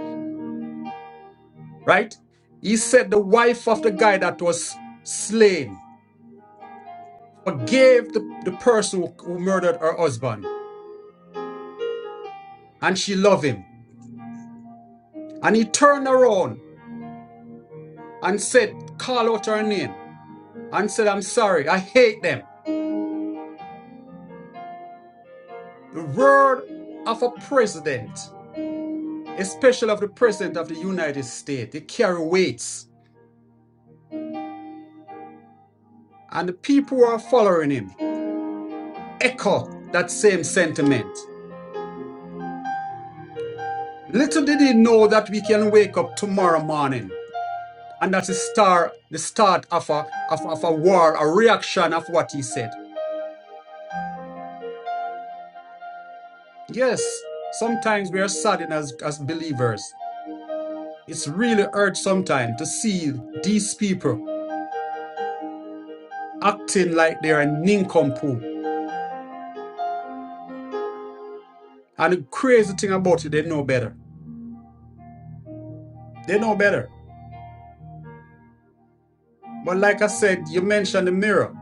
S3: right? He said the wife of the guy that was slain forgave the, the person who, who murdered her husband and she loved him. And he turned around and said, call out her name. and said, I'm sorry, I hate them. The word of a president, especially of the president of the United States, it carry weights. And the people who are following him echo that same sentiment. Little did he know that we can wake up tomorrow morning. And that's the start, the start of a, of, of a war, a reaction of what he said. Yes, sometimes we are saddened as, as believers. It's really hard sometimes to see these people acting like they're a nincompoop. And the crazy thing about it, they know better. They know better. But like I said, you mentioned the mirror.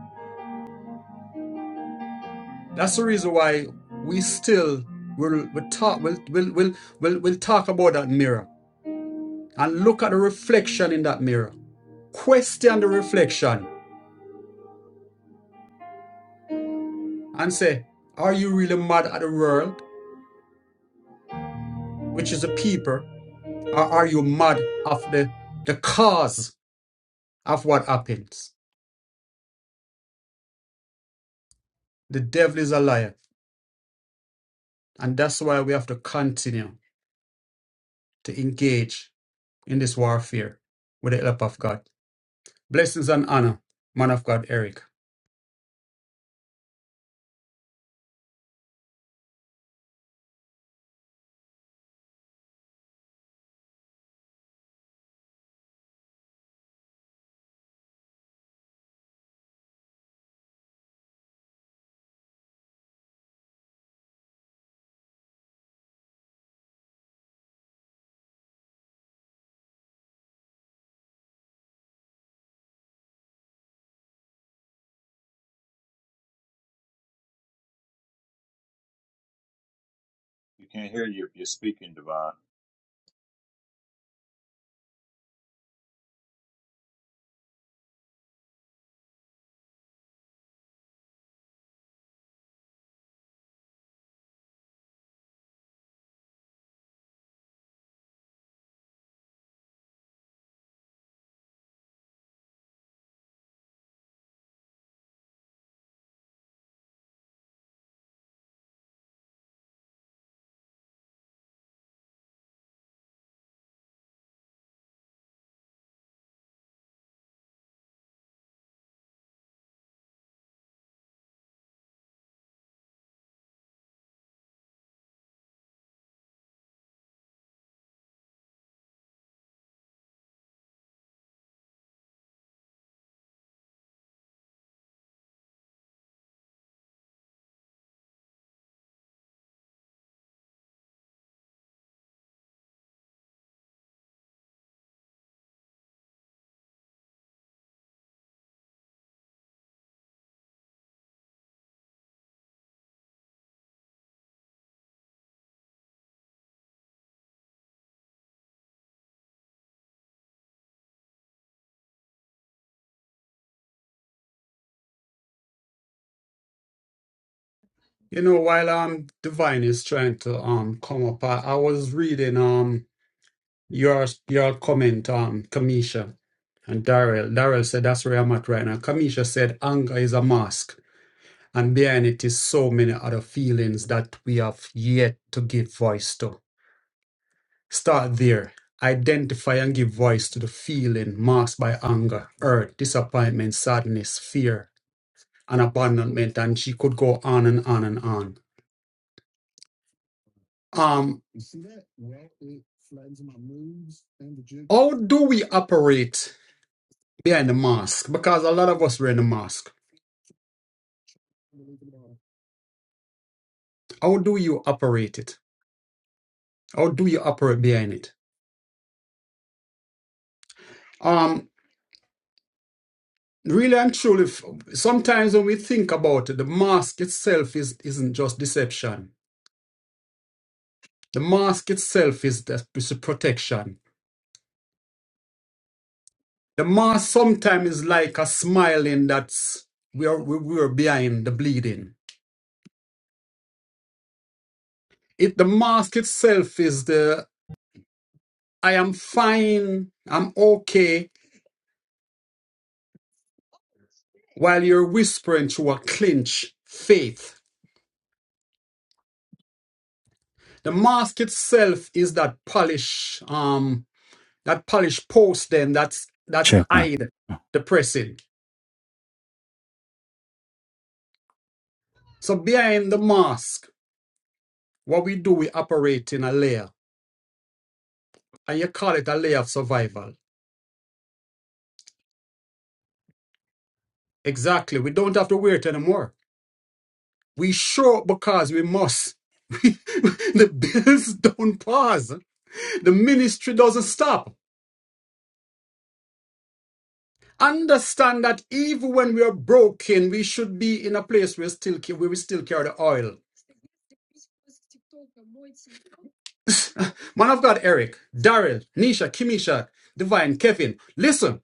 S3: That's the reason why we still will will talk will will will will will talk about that mirror and look at the reflection in that mirror. Question the reflection and say, are you really mad at the world, which is the people, or are you mad of the the cause of what happens? The devil is a liar, and that's why we have to continue. to engage in this warfare with the help of God. Blessings and honor, man of God, Eric.
S2: You can't hear you if you're speaking, Divine.
S3: You know, while um Divine is trying to um come up, I, I was reading um your your comment, um Kamisha and Darrell. Darrell said that's where I'm at right now. Kamisha said anger is a mask, and behind it is so many other feelings that we have yet to give voice to. Start there. Identify and give voice to the feeling masked by anger, hurt, disappointment, sadness, fear, and abandonment. And she could go on and on and on. Um, how do we operate behind the mask? Because a lot of us wear the mask. How do you operate it? How do you operate behind it? Um, really and truly, f- sometimes when we think about it, the mask itself is isn't just deception. The mask itself is the is a protection. The mask sometimes is like a smiling that's we're we're behind the bleeding. If the mask itself is the I am fine, I'm okay, while you're whispering through a clinch faith. The mask itself is that polish, um, that polish post then that's that's
S1: Check one.
S3: hide the pressing. So behind the mask, what we do, we operate in a layer. and you call it a layer of survival. Exactly. We don't have to wait anymore. We show up because we must. the bills don't pause. The ministry doesn't stop. Understand that even when we are broken, we should be in a place where still where we still carry the oil. Man of God, Eric, Daryl, Nisha, Kimisha, Divine, Kevin. Listen,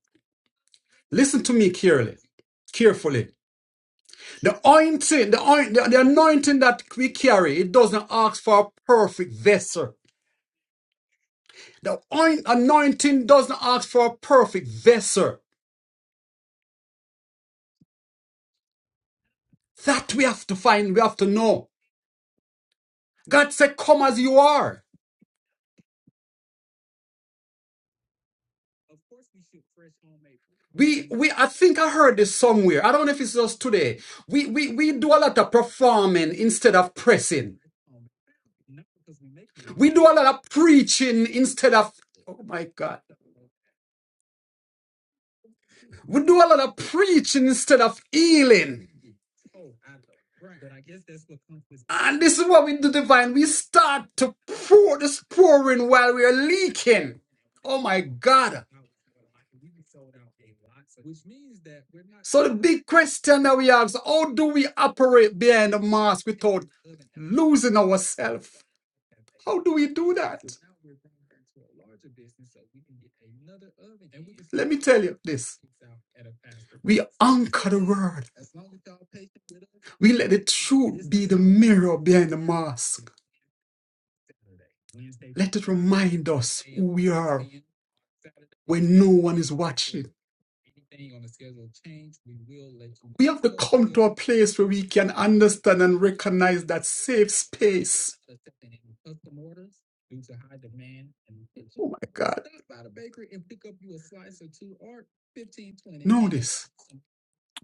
S3: listen to me carefully, carefully. The anointing, the, oin- the, the anointing that we carry, it doesn't ask for a perfect vessel. The oin- anointing doesn't ask for a perfect vessel. That we have to find, we have to know. God said, Come as you are. We, we, I think I heard this somewhere. I don't know if it's just today. We, we, we do a lot of performing instead of pressing. We do a lot of preaching instead of, oh my God. We do a lot of preaching instead of healing. And this is what we do, divine. We start to pour this pouring while we are leaking. Oh my God. So the big question that we ask, how do we operate behind the mask without losing ourselves? How do we do that? Let me tell you this. We anchor the word. We let the truth be the mirror behind the mask. Let it remind us who we are when no one is watching. place where we can understand and recognize that safe my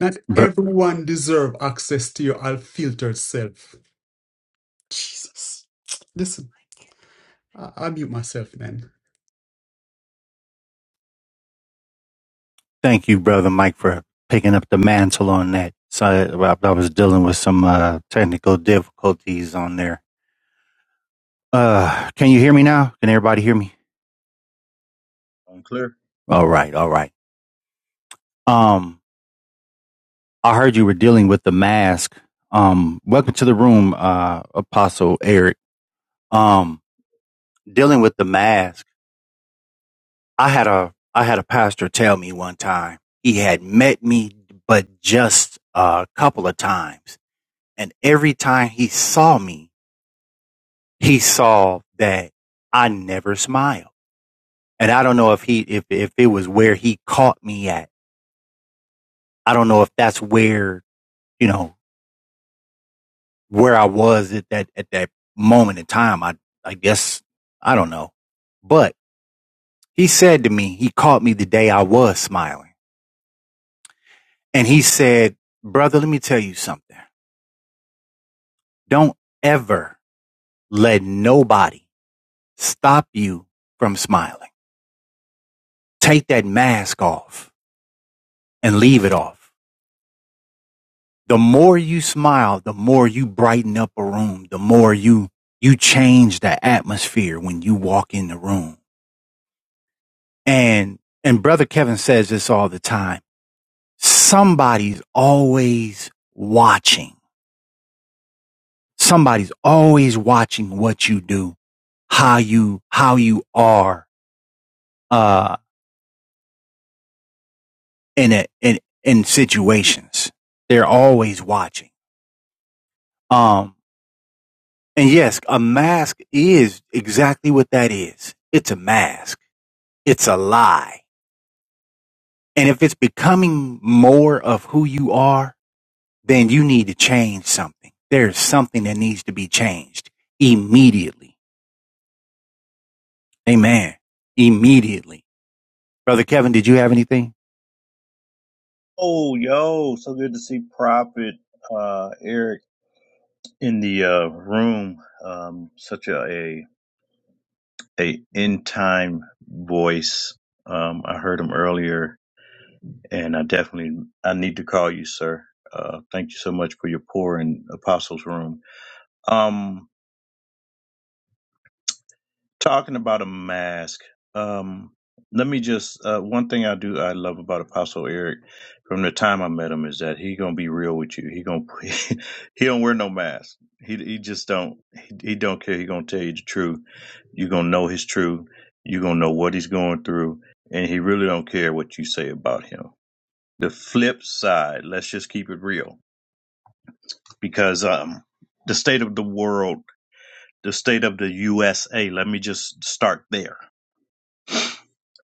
S3: Not
S1: Bro,
S3: everyone deserve access to your unfiltered self. Jesus. listen. I- I'll mute myself then.
S1: thank you, brother Mike, for picking up the mantle on that. So I, I was dealing with some uh, technical difficulties on there. Uh, can you hear me now? Can everybody hear me?
S2: Unclear?
S1: All right, all right. Um. I heard you were dealing with the mask. Um, welcome to the room, uh, Apostle Eric. Um, dealing with the mask. I had a I had a pastor tell me one time he had met me, but just a couple of times, and every time he saw me, he saw that I never smiled. And I don't know if he if if it was where he caught me at. I don't know if that's where you know where I was at that at that moment in time. I I guess I don't know. But he said to me, he caught me the day I was smiling. And he said, Brother, let me tell you something. Don't ever let nobody stop you from smiling. Take that mask off and leave it off. The more you smile, the more you brighten up a room, the more you you change the atmosphere when you walk in the room And and brother Kevin says this all the time. Somebody's always watching. Somebody's always watching what you do, how you how you are uh in a, in in situations. They're always watching. Um and yes, a mask is exactly what that is. It's a mask. It's a lie. And if it's becoming more of who you are, then you need to change something. There's something that needs to be changed immediately. Amen. Immediately. Brother Kevin, did you have anything?
S2: Oh, yo, so good to see Prophet uh, Eric in the uh, room. Um, such a, a a in time voice. Um, I heard him earlier, and I definitely I need to call you, sir. Uh, thank you so much for your pour in Apostles' Room. Um, talking about a mask um let me just uh one thing i do i love about apostle eric from the time i met him is that he gonna be real with you he gonna he don't wear no mask he he just don't he, he don't care he gonna tell you the truth you gonna know his truth you gonna know what he's going through and he really don't care what you say about him the flip side let's just keep it real because um the state of the world the state of the usa let me just start there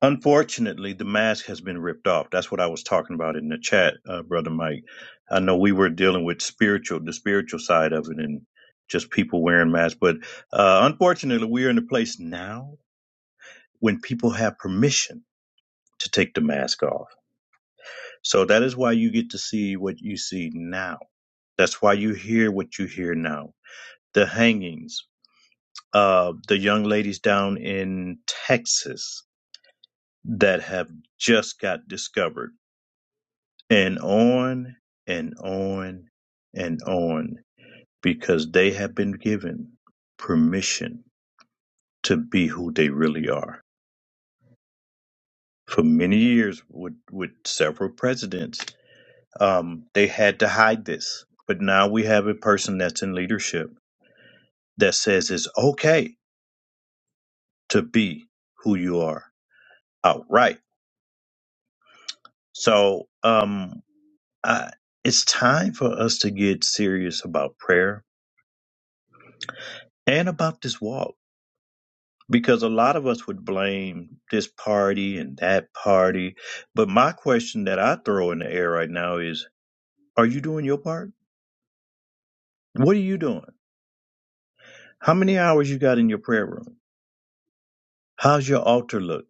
S2: Unfortunately, the mask has been ripped off. That's what I was talking about in the chat, uh, brother Mike. I know we were dealing with spiritual, the spiritual side of it, and just people wearing masks. But uh, unfortunately, we are in a place now when people have permission to take the mask off. So that is why you get to see what you see now. That's why you hear what you hear now. The hangings, uh, the young ladies down in Texas that have just got discovered and on and on and on because they have been given permission to be who they really are. For many years, with, with several presidents, um, they had to hide this. But now we have a person that's in leadership that says it's okay to be who you are outright. So um, I, it's time for us to get serious about prayer and about this walk because a lot of us would blame this party and that party. But my question that I throw in the air right now is are you doing your part? What are you doing? How many hours you got in your prayer room? How's your altar look?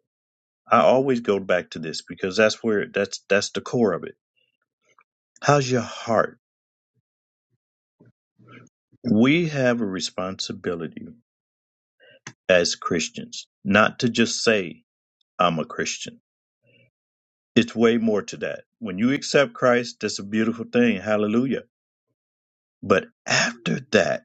S2: I always go back to this because that's where that's that's the core of it. How's your heart? We have a responsibility as Christians not to just say I'm a Christian. It's way more to that. When you accept Christ, that's a beautiful thing. Hallelujah But after that,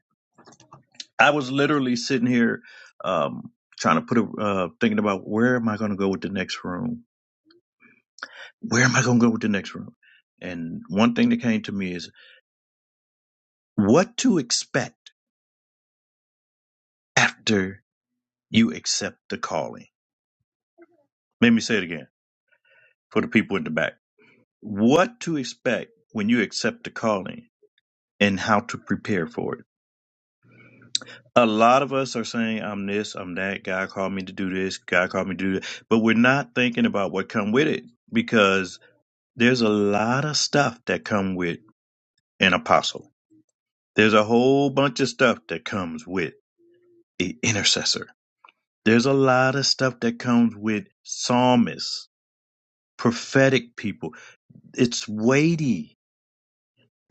S2: I was literally sitting here um, trying to put a uh, thinking about where am I going to go with the next room? Where am I going to go with the next room? And one thing that came to me is what to expect after you accept the calling. Let me say it again for the people in the back. What to expect when you accept the calling and how to prepare for it a lot of us are saying i'm this i'm that god called me to do this god called me to do that but we're not thinking about what come with it because there's a lot of stuff that come with an apostle there's a whole bunch of stuff that comes with an intercessor there's a lot of stuff that comes with psalmists prophetic people it's weighty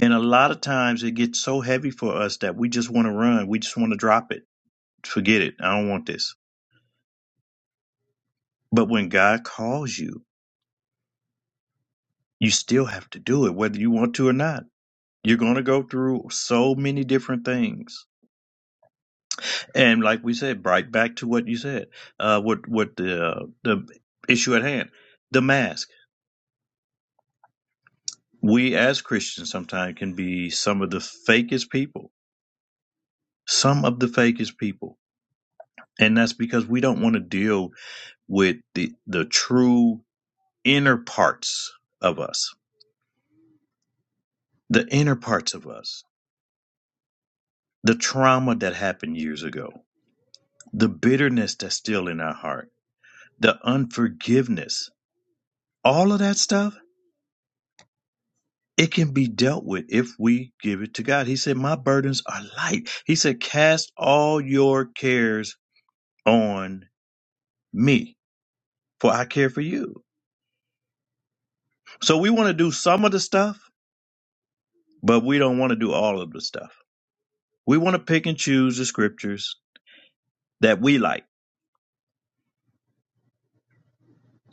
S2: and a lot of times it gets so heavy for us that we just want to run we just want to drop it forget it i don't want this but when god calls you you still have to do it whether you want to or not you're going to go through so many different things and like we said right back to what you said uh what what the uh, the issue at hand the mask we as christians sometimes can be some of the fakest people some of the fakest people and that's because we don't want to deal with the the true inner parts of us the inner parts of us the trauma that happened years ago the bitterness that's still in our heart the unforgiveness, all of that stuff, it can be dealt with if we give it to God. He said, My burdens are light. He said, Cast all your cares on me, for I care for you. So we want to do some of the stuff, but we don't want to do all of the stuff. We want to pick and choose the scriptures that we like.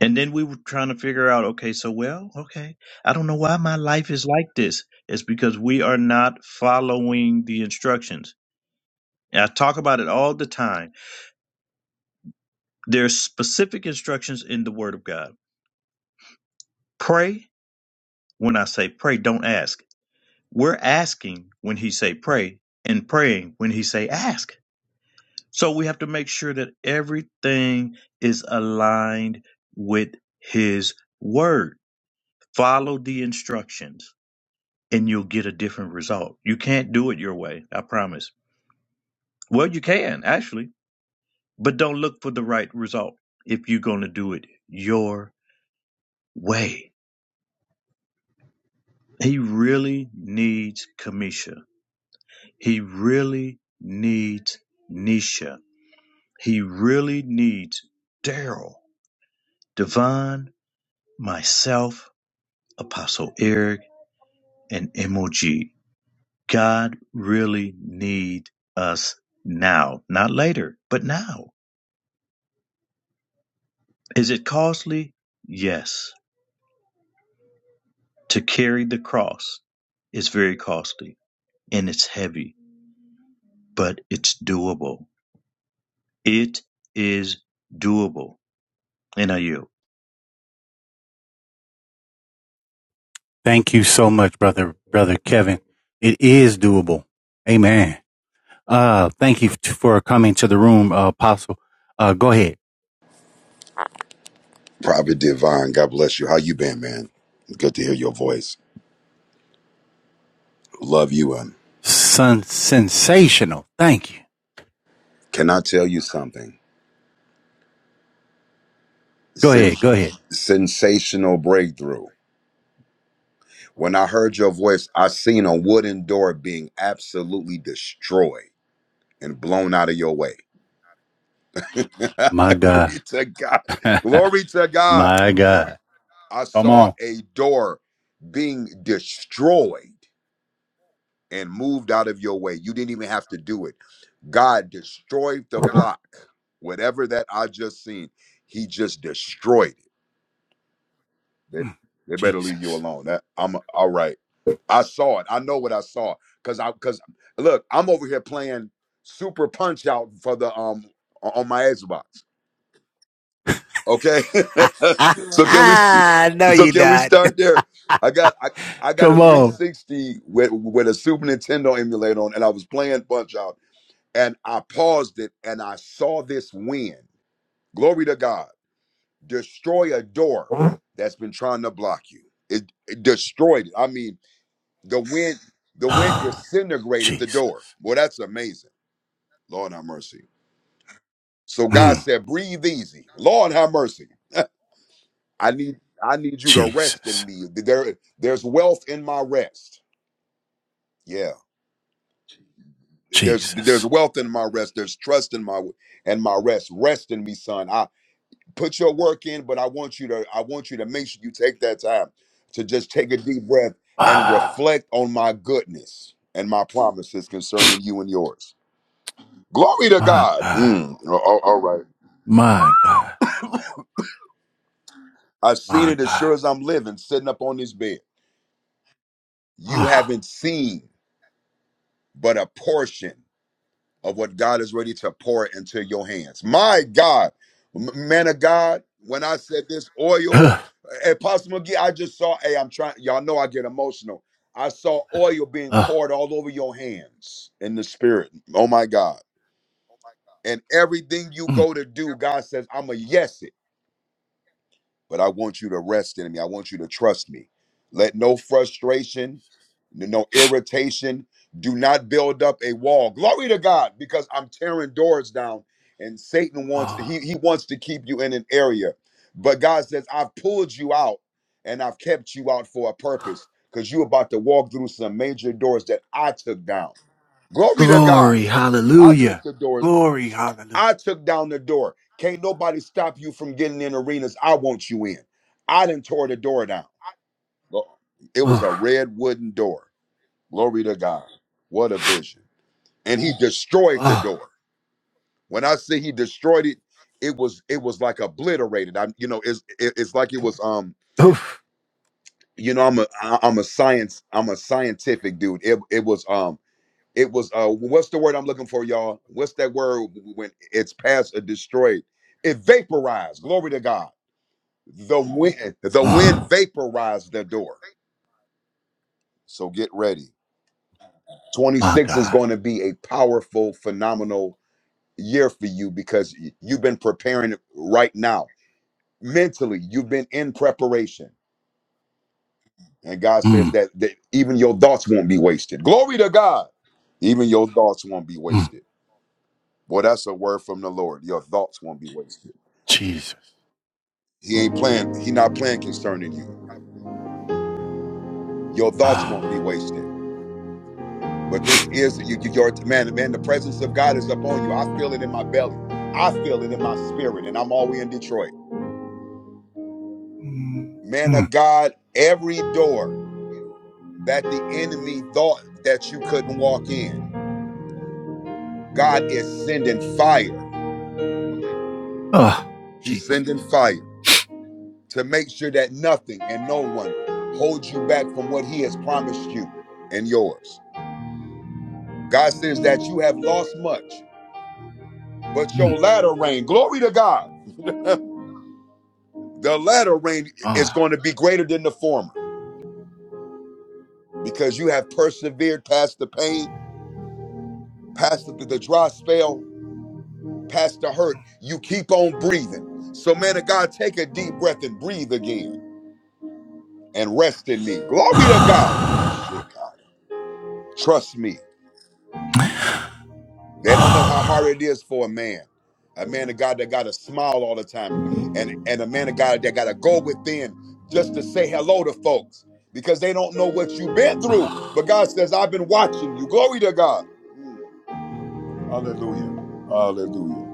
S2: And then we were trying to figure out, okay, so well, okay, I don't know why my life is like this. It's because we are not following the instructions. And I talk about it all the time. There's specific instructions in the Word of God. Pray when I say pray, don't ask. We're asking when He say pray, and praying when He say ask. So we have to make sure that everything is aligned with His Word. Follow the instructions, and you'll get a different result. You can't do it your way. I promise. Well, you can actually, but don't look for the right result if you're going to do it your way. He really needs Kamisha. He really needs Nisha. He really needs Daryl, Devon, myself, Apostle Eric, and MOG. God really needs us now, not later, but now. Is it costly? Yes. To carry the cross is very costly and it's heavy, but it's doable. It is doable. NIU.
S1: Thank you so much, brother, brother Kevin. It is doable. Amen. Uh, thank you for coming to the room, uh, apostle. Uh, go ahead.
S4: Prophet Divine, God bless you. How you been, man? Good to hear your voice. Love you and
S1: son. sensational. Thank you.
S4: can I tell you something?
S1: Go
S4: Sen-
S1: ahead. Go ahead.
S4: sensational breakthrough. When I heard your voice, I seen a wooden door being absolutely destroyed and blown out of your way.
S1: My
S4: Glory
S1: God.
S4: to God. Glory to God.
S1: My God.
S4: I
S1: Come
S4: saw
S1: on.
S4: a door being destroyed and moved out of your way. You didn't even have to do it. God destroyed the block. Whatever that I just seen, he just destroyed it. They, they better leave you
S1: Jesus.
S4: alone. That I'm all right. I saw it. I know what I saw. Cause I cause look, I'm over here playing super punch out for the um on on my Xbox. Okay. so can we
S1: Ah, ah, no,
S4: so
S1: you
S4: can we
S1: not.
S4: start there? I got I, I got a
S1: Come on.
S4: 360 with with a Super Nintendo emulator on and I was playing punch out and I paused it and I saw this win. Glory to God. Destroy a door that's been trying to block you. It, it destroyed it. I mean, the wind, the wind disintegrated the
S1: Jesus.
S4: door. Well, that's amazing. Lord have mercy. So God
S1: Mm.
S4: said, breathe easy. Lord have mercy. I need I need you to rest in
S1: Jesus.
S4: me. There, there's wealth in my rest. Yeah. There's there's
S1: Jesus.
S4: wealth in my rest. There's trust in my and my rest. Rest in me, son. put your work in but i want you to i want you to make sure you take that time to just take a deep breath and reflect on my goodness and my promises concerning you and yours glory to
S1: My
S4: god
S1: God.
S4: Mm, a- a- all right
S1: My God.
S4: i've seen
S1: My
S4: it as
S1: God.
S4: sure as i'm living sitting up on this bed you
S1: Ah.
S4: haven't seen but a portion of what God is ready to pour into your hands. My God, M- man of God, when I said this oil,
S1: Huh.
S4: eh, Apostle McGee, I just saw, hey, I'm trying, y'all know I get emotional. I saw oil being
S1: Ah.
S4: poured all over your hands in the spirit. Oh my God. And everything you
S1: Mm.
S4: go to do, God says, I'm a yes it but I want you to rest in me. I want you to trust me. Let no frustration, no irritation, do not build up a wall. Glory to God, because I'm tearing doors down, and Satan wants he he wants to keep you in an area, but God says I've pulled you out, and I've kept you out for a purpose, because you're about to walk through some major doors that I took down. Glory to God,
S1: Glory.
S4: I took
S1: Hallelujah.
S4: the doors
S1: Glory. Hallelujah.
S4: I took down the door. Can't nobody stop you from getting in arenas I want you in. I done tore the door down. Look, It was a
S1: Oh.
S4: red wooden door. Glory to God. What a vision. And he destroyed the
S1: Oh.
S4: door. When I say he destroyed it, it was it was like obliterated. i you know, it's it- it's like it was um,
S1: Oof.
S4: you know, I'm a I- I'm a science, I'm a scientific dude. It it was um it was uh what's the word I'm looking for, y'all? What's that word when it's past a destroyed? It vaporized. Glory to God The wind, the wind
S1: Oh.
S4: vaporized the door. So get ready.
S1: My
S4: 26 is
S1: God.
S4: going to be a powerful, phenomenal year for you because y- you've been preparing right now. Mentally, you've been in preparation. And God says
S1: Mm.
S4: that, that even your thoughts won't be wasted. Glory to God. Even your thoughts won't be
S1: Mm.
S4: wasted. Boy, that's a word from the Lord. Your thoughts won't be wasted.
S1: Jesus.
S4: He ain't playing, he not playing concerning you. Your thoughts
S1: Ah.
S4: won't be wasted. But this is you, you your man, man, the presence of God is upon you. I feel it in my belly. I feel it in my spirit, and I'm all way in Detroit.
S1: Mm.
S4: Man
S1: Mm.
S4: of God, every door that the enemy thought that you couldn't walk in, God is sending fire.
S1: Ah.
S4: He's
S1: Jesus.
S4: sending fire to make sure that nothing and no one holds you back from what he has promised you and yours. God says that you have lost much, but your
S1: Mm.
S4: latter rain, glory to God. the latter rain is
S1: Ah.
S4: going to be greater than the former because you have persevered past the pain, past the, the dry spell, past the hurt. You keep on breathing. So, man of God, take a deep breath and breathe again and rest in me. Glory to God. This shit, God. Trust me. They don't know how hard it is for a man, a man of God that got to smile all the time, and and a man of God that got to go within just to say hello to folks because they don't know what you've been through. But God says, "I've been watching you." Glory to God. Mm. Hallelujah. Hallelujah.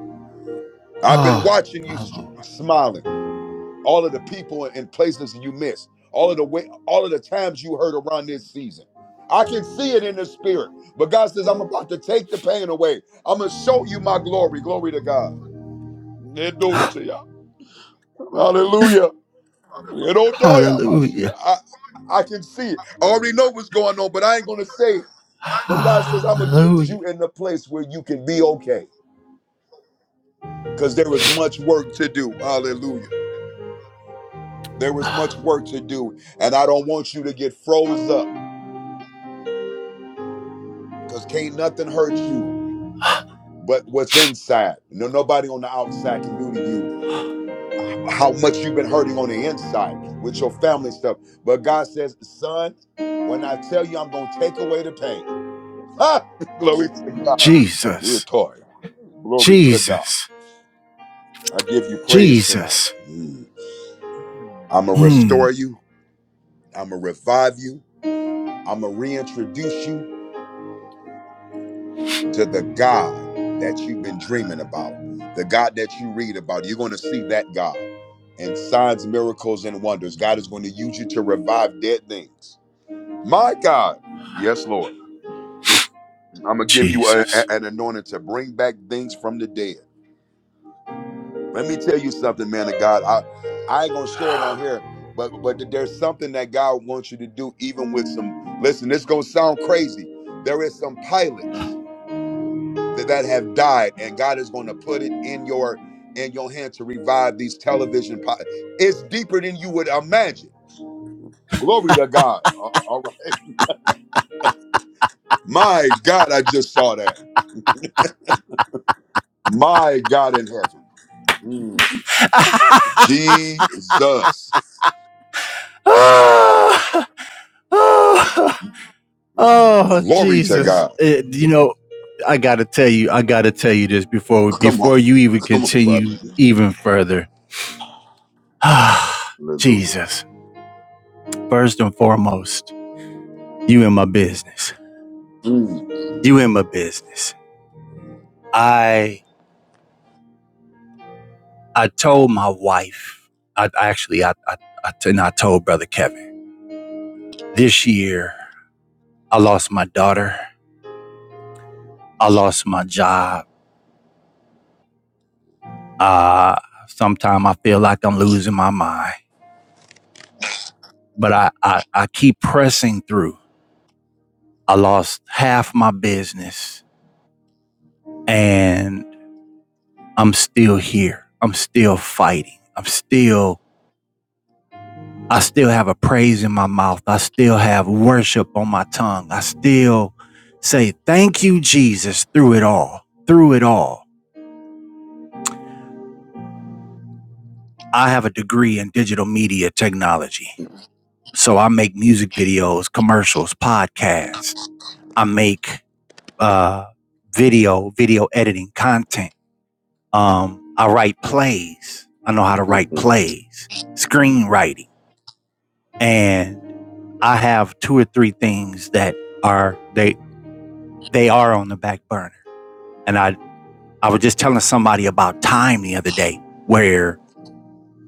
S4: I've been watching you s- smiling all of the people and places you missed, all of the way, all of the times you heard around this season. I can see it in the spirit. But God says, I'm about to take the pain away. I'm gonna show you my glory. Glory to God. Nedosia. Hallelujah. Nedotoya, Masia. I, I can see it. I already know what's going on, but I ain't gonna say it. But God says, I'm gonna get you in the place where you can be okay. Because there is much work to do. Hallelujah. There is much work to do. And I don't want you to get froze up. Cause can't nothing hurt you but what's inside. No, nobody on the outside can do to you how much you've been hurting on the inside with your family stuff. But God says, son, when I tell you I'm gonna take away the pain. Ha! Glory to God. Yeah,
S1: Jesus.
S4: toy. Glory to God.
S1: Jesus.
S4: I give you praise tonight.
S1: Jesus.
S4: Mm. I'ma
S1: Mm.
S4: restore you. I'ma revive you. I'ma reintroduce you. to the God that you've been dreaming about, the God that you read about. You're going to see that God and signs, miracles, and wonders. God is going to use you to revive dead things. My God. Yes, Lord. I'm going to give you a- a-
S1: Jesus.
S4: an anointing to bring back things from the dead. Let me tell you something, man of God. I, I ain't going to share it on here, but, but there's something that God wants you to do, even with some. Listen, this going to sound crazy. There is some pilots that, that have died and god is going to put it in your in your hand to revive these television po- it's deeper than you would imagine glory to god A- a- all right my god i just saw that my god in heaven Mm. jesus
S1: Ah. Ah. Oh
S4: glory to
S1: Jesus!
S4: god
S1: It- you know, I gotta tell you, I gotta tell you this before
S4: come on
S1: before you even
S4: come on brother.
S1: continue even further. Ah,
S4: hallelujah
S1: Jesus! First and foremost, you in my business.
S4: Mm.
S1: You in my business. I I told my wife. I actually I I I I, I t- and I told brother Kevin this year. I lost my daughter. I lost my job. Uh, sometimes I feel like I'm losing my mind, but I I, I keep pressing through. I lost half my business and I'm still here. I'm still fighting. I'm still, I still have a praise in my mouth. I still have worship on my tongue. I still say, thank you, Jesus, through it all, through it all. I have a degree in digital media technology. So I make music videos, commercials, podcasts. I make uh, video, video editing, content. Um, I write plays. I know how to write plays, screenwriting, and I have two or three things that are they they are on the back burner. And I I was just telling somebody about time the other day where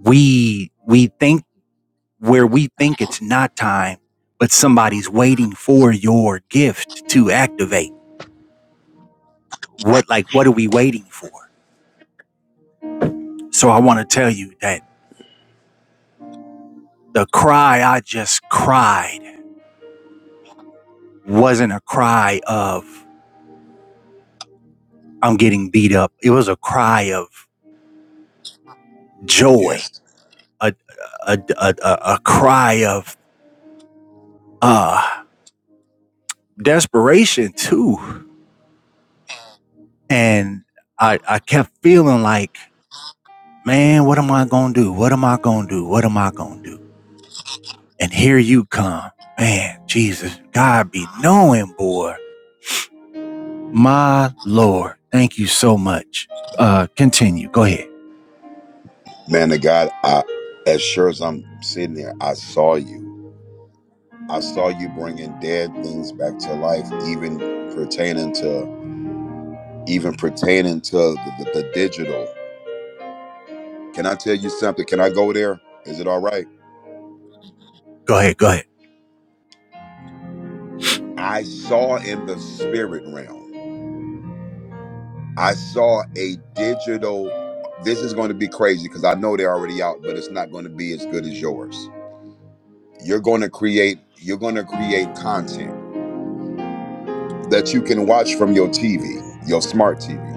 S1: we we think where we think it's not time, but somebody's waiting for your gift to activate. What like what are we waiting for? So I want to tell you that the cry I just cried wasn't a cry of I'm getting beat up. It was a cry of joy,
S4: yes
S1: a a a, a, a cry of uh desperation too. And I I kept feeling like, man, what am I gonna do? What am I gonna do? What am I gonna do? And here you come, man. Jesus, God be knowing, boy. My Lord, thank you so much. Uh, continue. Go ahead.
S4: man of god i as sure as i'm sitting there i saw you I saw you bringing dead things back to life, even pertaining to even pertaining to the, the, the digital. Can I tell you something? Can I go there? Is it all right?
S1: Go ahead. Go ahead.
S4: I saw in the spirit realm. I saw a digital. This is going to be crazy because I know they're already out, but it's not going to be as good as yours. You're going to create. You're going to create content that you can watch from your TV, your smart TV,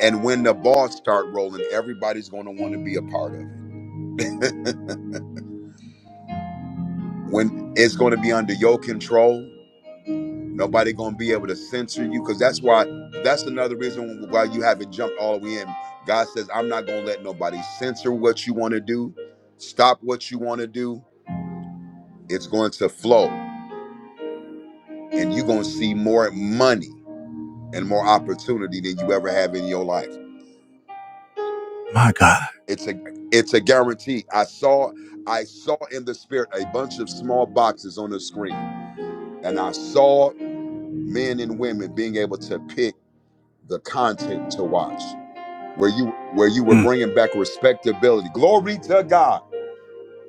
S4: and when the balls start rolling, everybody's going to want to be a part of it when it's going to be under your control nobody going to be able to censor you because that's why that's another reason why you haven't jumped all the way in god says i'm not going to let nobody censor what you want to do stop what you want to do it's going to flow and you're going to see more money and more opportunity than you ever have in your life
S1: My God,
S4: it's a it's a guarantee i saw i saw in the spirit a bunch of small boxes on the screen and i saw men and women being able to pick the content to watch where you where you were
S1: Mm,
S4: bringing back respectability glory to god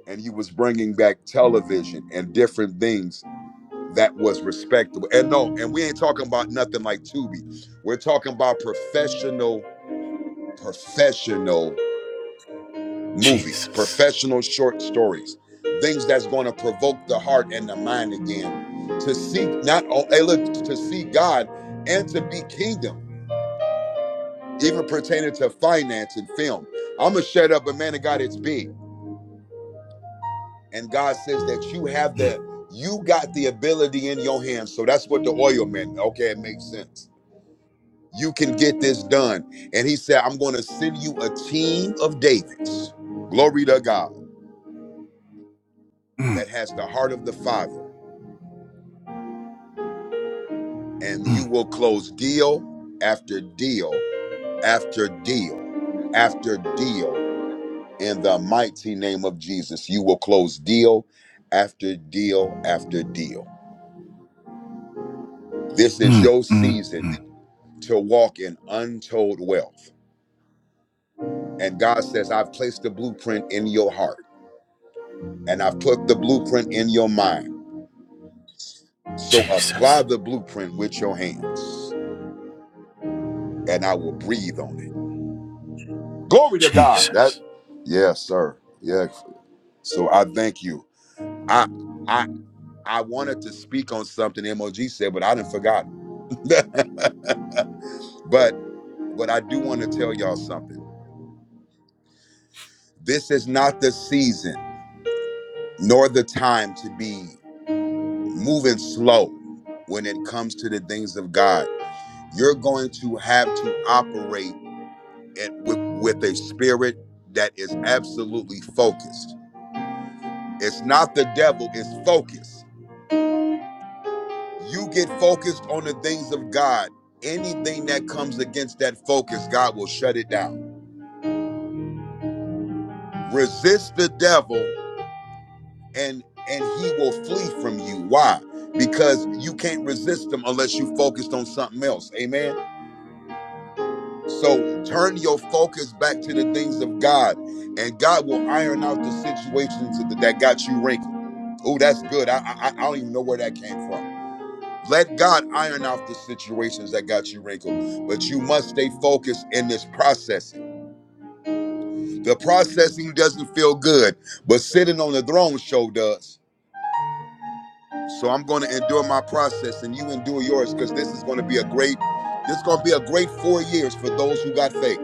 S4: and you was bringing back television and different things that was respectable and no and we ain't talking about nothing like tubi we're talking about professional professional movies
S1: Jesus.
S4: professional short stories things that's going to provoke the heart and the mind again to seek not all hey look to see god and to be kingdom even pertaining to finance and film. I'm gonna shut up, but man of God, it's big. And God says that you have the you got the ability in your hands. So that's what the oil meant. Okay, it makes sense. You can get this done. And he said, I'm gonna send you a team of Davids, glory to God,
S1: Mm,
S4: that has the heart of the Father. And
S1: mm.
S4: you will close deal after deal after deal after deal in the mighty name of Jesus. You will close deal after deal after deal. This is
S1: Mm,
S4: your
S1: mm,
S4: season
S1: mm.
S4: to walk in untold wealth. And God says, I've placed the blueprint in your heart and I've put the blueprint in your mind. So apply
S1: Jesus.
S4: the blueprint with your hands and I will breathe on it. Glory to God. That,
S1: Jesus.
S4: yes, sir. Yeah. So I thank you. I, I, I wanted to speak on something MOG said, but I didn't forgot. But but I do want to tell y'all something. This is not the season nor the time to be moving slow when it comes to the things of God. You're going to have to operate at, with, with a spirit that is absolutely focused. It's not the devil, it's focus. You get focused on the things of God. Anything that comes against that focus, God will shut it down. Resist the devil and and he will flee from you why because you can't resist him unless you focused on something else amen so turn your focus back to the things of god and god will iron out the situations that that got you wrinkled oh that's good I, I i don't even know where that came from let god iron out the situations that got you wrinkled but you must stay focused in this processing the processing doesn't feel good but sitting on the throne show does So I'm going to endure my process and you endure yours because this is going to be a great, this is going to be a great four years for those who got faith.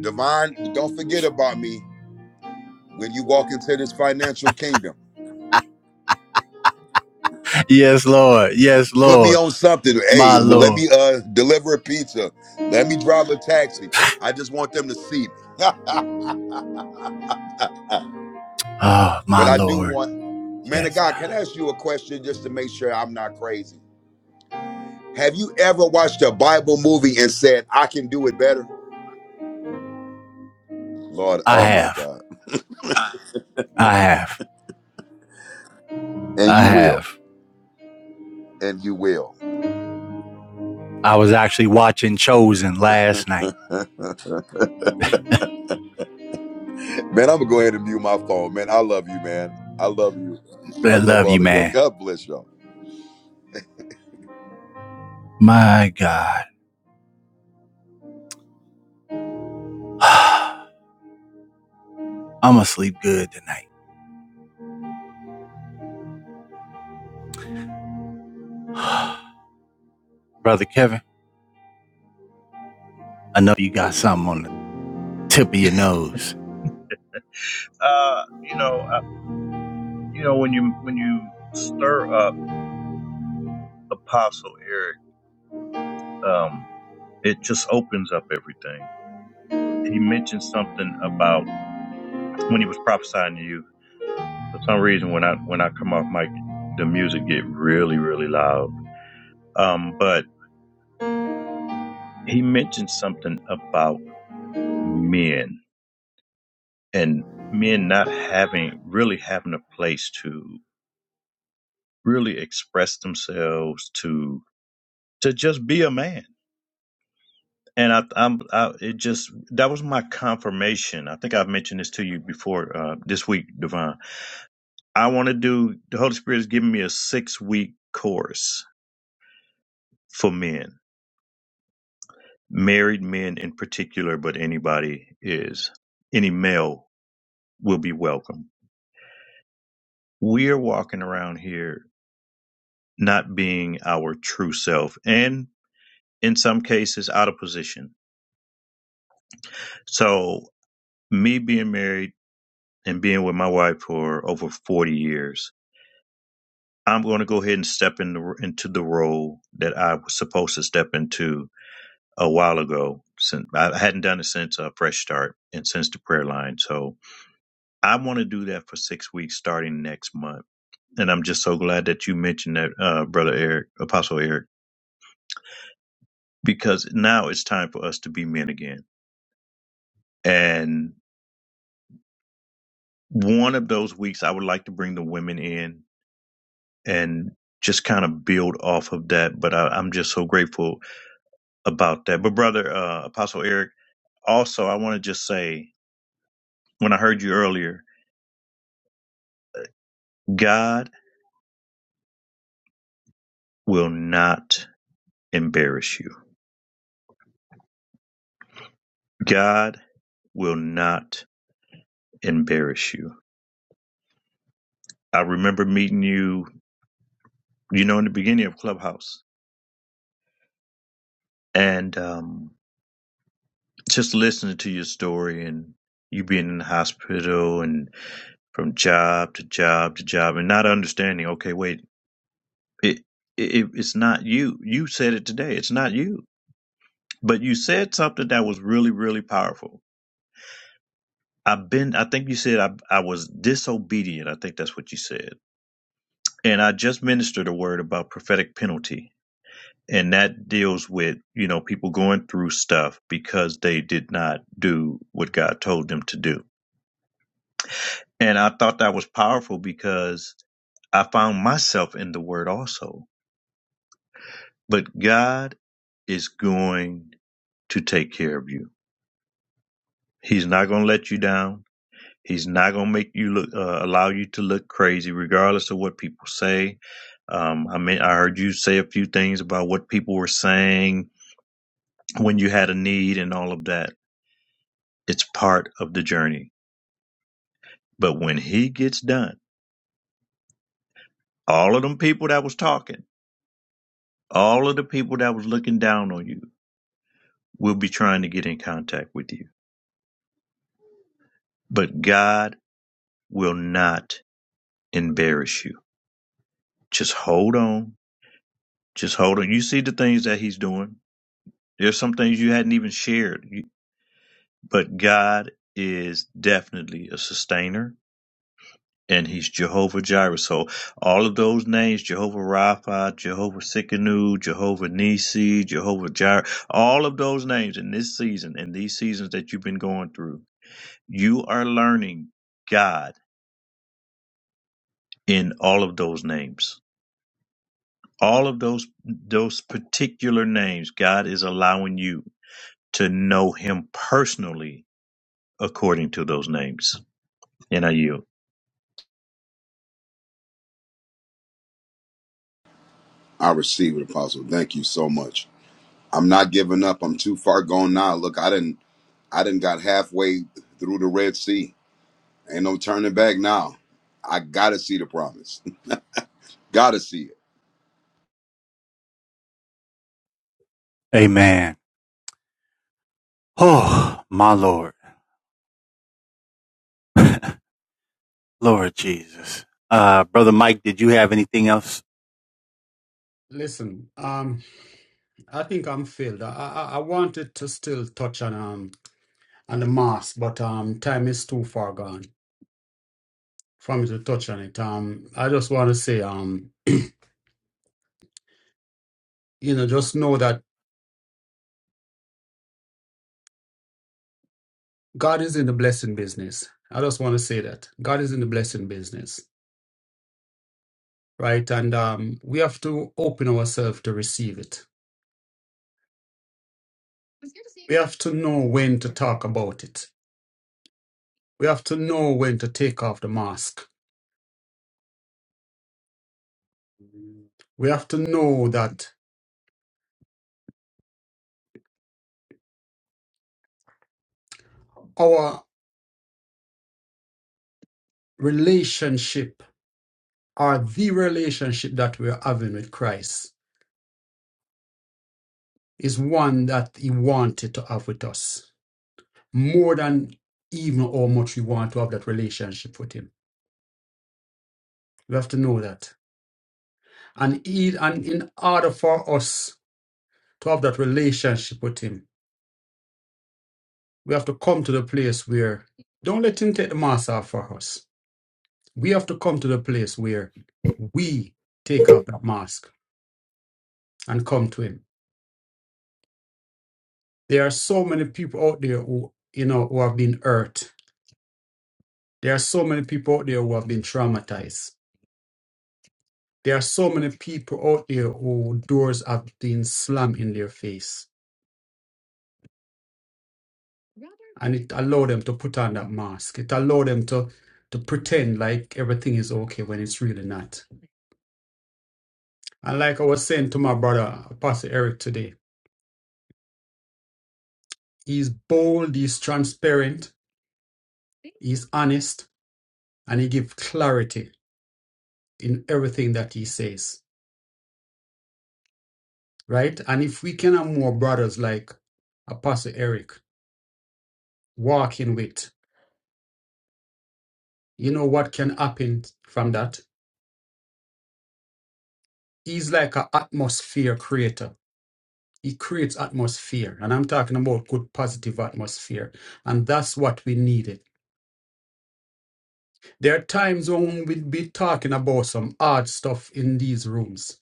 S4: Divine, don't forget about me when you walk into this financial kingdom.
S1: Yes, Lord. Yes,
S4: Put me
S1: Lord.
S4: on something. Hey,
S1: My
S4: let me
S1: Lord.
S4: uh deliver a pizza. Let me drive a taxi. I just want them to see me.
S1: Oh,
S4: but
S1: my
S4: I do
S1: Lord.
S4: want, man of
S1: Yes,
S4: God,
S1: God.
S4: can I ask you a question just to make sure I'm not crazy? Have you ever watched a Bible movie and said, I can do it better? Lord,
S1: I
S4: oh my
S1: have.
S4: God.
S1: I have.
S4: And
S1: I
S4: you will.
S1: have.
S4: And you will.
S1: I was actually watching Chosen
S4: man,
S1: last night.
S4: I'm gonna go ahead and mute my phone, man. I love you, man. I love you. I
S1: I
S4: love
S1: love you,
S4: all of y'all.
S1: man.
S4: God bless y'all.
S1: My God. I'm going to sleep good tonight. Brother Kevin, I know you got
S2: Oh,
S1: something on the tip of your nose.
S2: Uh, you know, uh, you know when you when you stir up Apostle Eric, um, it just opens up everything. He mentioned something about when he was prophesying to you. For some reason, when I when I come off mic, the music get really really loud. Um, but he mentioned something about men and men not having really having a place to really express themselves to to just be a man And I, I'm, I, it just that was my confirmation. I think I've mentioned this to you before uh, this week, Divine. I want to do. The Holy Spirit has given me a six week course for men, married men in particular, but anybody is any male will be welcome. We are walking around here not being our true self, and in some cases out of position. So me being married and being with my wife for over forty years I'm going to go ahead and step in the, into the role that I was supposed to step into a while ago. Since I hadn't done it since a Fresh Start and since the prayer line, so I want to do that for six weeks starting next month. And I'm just so glad that you mentioned that, uh, brother Eric, Apostle Eric, because now it's time for us to be men again. And one of those weeks, I would like to bring the women in and just kind of build off of that. But I, I'm just so grateful about that. But brother uh, Apostle Eric, also I want to just say when I heard you earlier, God will not embarrass you. God will not embarrass you. I remember meeting you, you know, in the beginning of Clubhouse, and um, just listening to your story and you being in the hospital and from job to job to job and not understanding. Okay, wait, it, it it's not you. You said it today. It's not you But you said something that was really, really powerful. I've been, I think you said I, I was disobedient. I think that's what you said. And I just ministered a word about prophetic penalty. And that deals with, you know, people going through stuff because they did not do what God told them to do. And I thought that was powerful because I found myself in the word also. But God is going to take care of you. He's not going to let you down. He's not gonna make you look, uh, allow you to look crazy, regardless of what people say. Um, I mean, I heard you say a few things about what people were saying when you had a need and all of that. It's part of the journey. But when he gets done, all of them people that was talking, all of the people that was looking down on you will be trying to get in contact with you. But God will not embarrass you. Just hold on. Just hold on. You see the things that he's doing. There's some things you hadn't even shared. You But God is definitely a sustainer, and He's Jehovah Jireh. So all of those names, Jehovah Rapha, Jehovah Sikkenu, Jehovah Nisi, Jehovah Jireh, all of those names in this season and these seasons that you've been going through, you are learning God in all of those names. All of those those particular names, God is allowing you to know Him personally according to those names. And I yield.
S4: I receive it, Apostle. Thank you so much. I'm not giving up. I'm too far gone now. Look, I didn't I didn't got halfway through the Red Sea. Ain't no turning back now. I gotta see the promise. gotta see it.
S1: Amen. Oh, my Lord. Lord Jesus. Uh, Brother Mike, did you have anything else?
S3: Listen, um, I think I'm filled. I, I I wanted to still touch on um on the mask, but um time is too far gone for me to touch on it. Um, I just want to say um you know just know that. God is in the blessing business. I just want to say that God is in the blessing business, right? And um, we have to open ourselves to receive it. We have to know when to talk about it. We have to know when to take off the mask. We have to know that our relationship or the relationship that we're having with Christ is one that He wanted to have with us more than even how much we want to have that relationship with Him. We have to know that. And, he, and in order for us to have that relationship with Him, we have to come to the place where, don't let Him take the mask off for us. We have to come to the place where we take off that mask and come to Him. There are so many people out there who, you know, who have been hurt. There are so many people out there who have been traumatized. There are so many people out there who doors have been slammed in their face and it allow them to put on that mask. It allow them to to pretend like everything is okay when it's really not. And like I was saying to my brother, Pastor Eric today, he's bold, he's transparent, he's honest, and he gives clarity in everything that he says. Right? And if we can have more brothers like Apostle Eric walking with, you know what can happen from that? He's like an atmosphere creator He creates atmosphere, and I'm talking about good positive atmosphere, and that's what we needed. There are times when we'll be talking about some odd stuff in these rooms,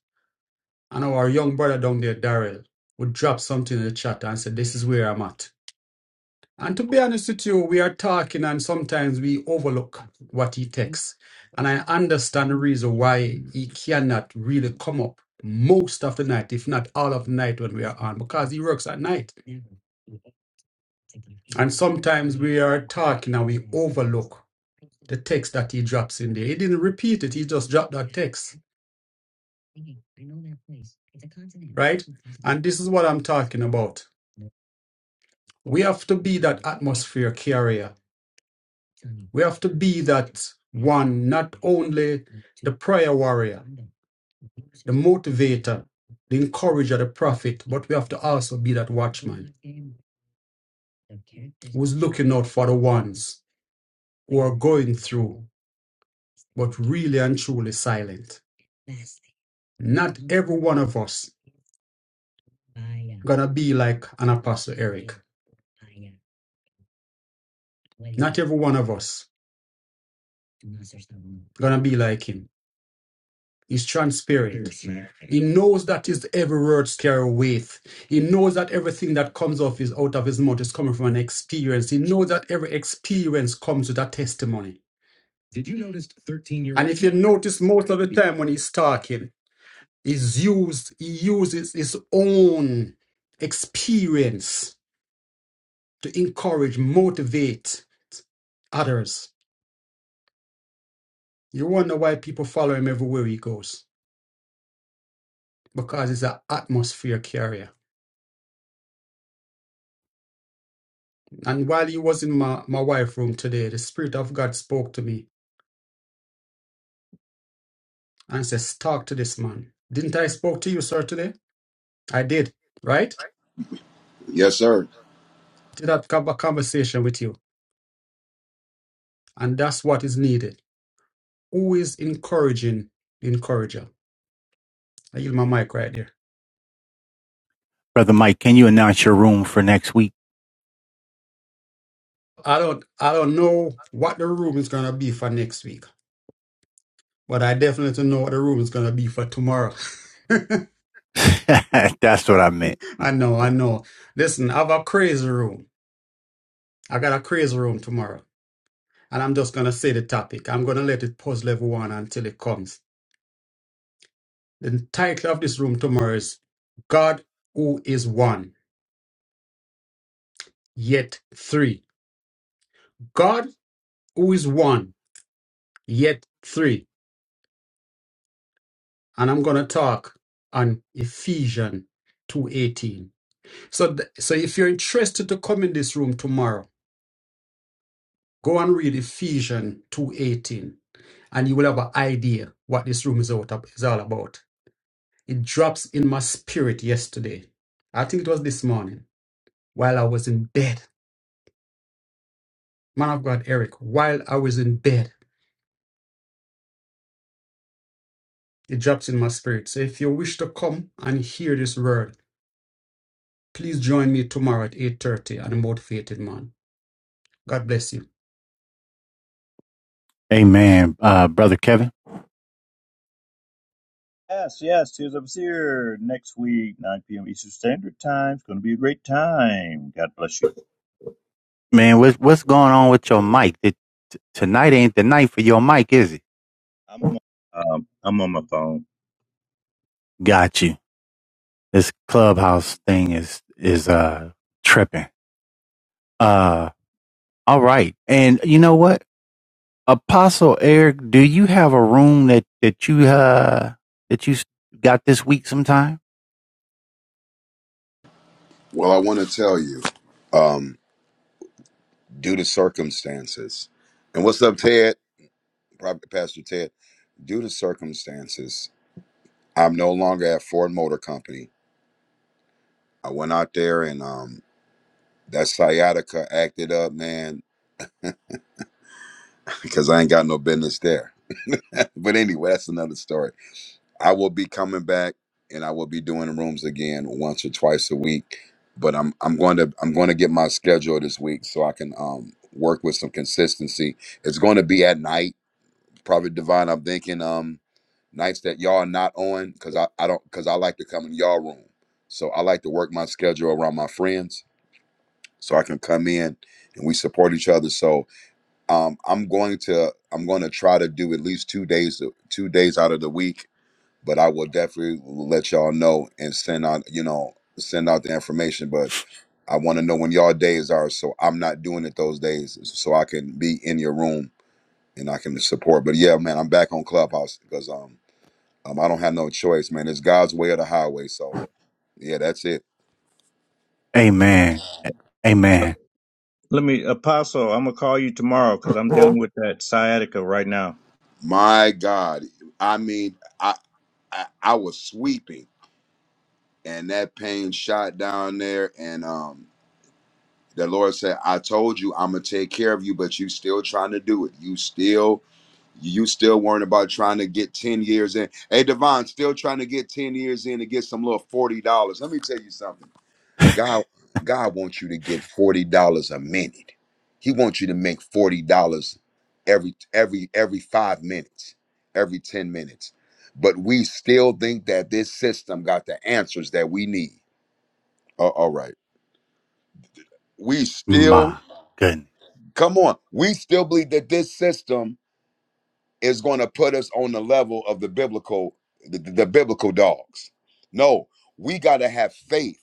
S3: and our young brother down there, Daryl, would drop something in the chat and say, "This is where I'm at." And to be honest with you, we are talking, and sometimes we overlook what he takes, and I understand the reason why he cannot really come up most of the night, if not all of the night, when we are on, because he works at night And sometimes we are talking and we overlook the text that he drops in there. He didn't repeat it, he just dropped that text. Right? And this is what I'm talking about. We have to be that atmosphere carrier. We have to be that one, not only the prayer warrior, the motivator, the encourager, the prophet, but we have to also be that watchman who's looking out for the ones. who are going through, but really and truly silent. Not every one of us gonna be like an apostle Eric. Not every one of us gonna be like him. He's transparent. He knows that his every word carry weight. He knows that everything that comes off his out of his mouth is coming from an experience. He knows that every experience comes with a testimony. And if you notice, most of the time when he's talking, he's used he uses his own experience to encourage, motivate others. You wonder why people follow him everywhere he goes because he's an atmosphere carrier. And while he was in my, my wife room today, the Spirit of God spoke to me and says, talk to this man. Didn't I spoke to you, sir, today? I did, right?
S4: Yes, sir.
S3: Did that have a conversation with you? And that's what is needed. Who is encouraging the encourager? I yield my mic right there.
S1: Brother Mike, can you announce your room for next week?
S3: I don't I don't know what the room is gonna be for next week. But I definitely know what the room is gonna be for tomorrow.
S1: That's what I meant.
S3: I know, I know. Listen, I have a crazy room. I got a crazy room tomorrow. And I'm just gonna say the topic. I'm gonna let it puzzle everyone until it comes. The title of this room tomorrow is God who is one, yet three. God who is one, yet three. And I'm gonna talk on Ephesians 2.18. So th- so if you're interested to come in this room tomorrow, Go and read Ephesians 2.18 and you will have an idea what this room is, out of, is all about. It drops in my spirit yesterday. I think it was this morning while I was in bed. Man of God, Eric, while I was in bed, it drops in my spirit. So if you wish to come and hear this word, please join me tomorrow at 8.30 on The Motivated Man. God bless you.
S1: Amen. Uh, Brother Kevin,
S2: Yes, yes, Tears of a Seer next week, 9 p.m. Eastern Standard Time. It's going to be a great time. God bless you.
S1: man, what's, what's going on with your mic? Did, t- tonight ain't the night for your mic, is it?
S2: I'm on, um, I'm on my phone.
S1: Got you. This clubhouse thing is, is, uh, tripping. Uh, all right. And you know what? Apostle Eric, do you have a room that, that you, uh, that you s- got this week sometime?
S4: Well, I want to tell you, um, due to circumstances. And what's up, Ted? Prophet Pastor Ted. Due to circumstances. I'm no longer at Ford Motor Company. I went out there and um that sciatica acted up, man, because I ain't got no business there. but anyway, that's another story. I will be coming back and I will be doing rooms again once or twice a week. But I'm I'm going to I'm going to get my schedule this week so I can um work with some consistency. It's going to be at night, probably divine. I'm thinking um nights that y'all are not on because I, I don't because I like to come in y'all room. So I like to work my schedule around my friends so I can come in and we support each other. So um, I'm going to I'm going to try to do at least two days two days out of the week, but I will definitely let y'all know and send out you know send out the information. But I want to know when y'all days are, so I'm not doing it those days, so I can be in your room and I can support. But yeah, man, I'm back on Clubhouse because um um I don't have no choice, man. It's God's way or the highway. So yeah, that's it.
S1: Amen.
S2: Uh,
S1: Amen.
S2: Let me, Apostle, I'm going to call you tomorrow because I'm dealing with that sciatica right now.
S4: My God, I mean, I I, I was sweeping. and that pain shot down there and um the lord said i told you i'm gonna take care of you but you still trying to do it you still you still worrying about trying to get 10 years in hey devon still trying to get 10 years in to get some little $40 let me tell you something god god wants you to get $40 a minute he wants you to make $40 every every every five minutes every 10 minutes but we still think that this system got the answers that we need uh, all right. We still,
S1: My goodness.
S4: come on, we still believe that this system is going to put us on the level of the biblical, the, the the biblical dogs. No, we got to have faith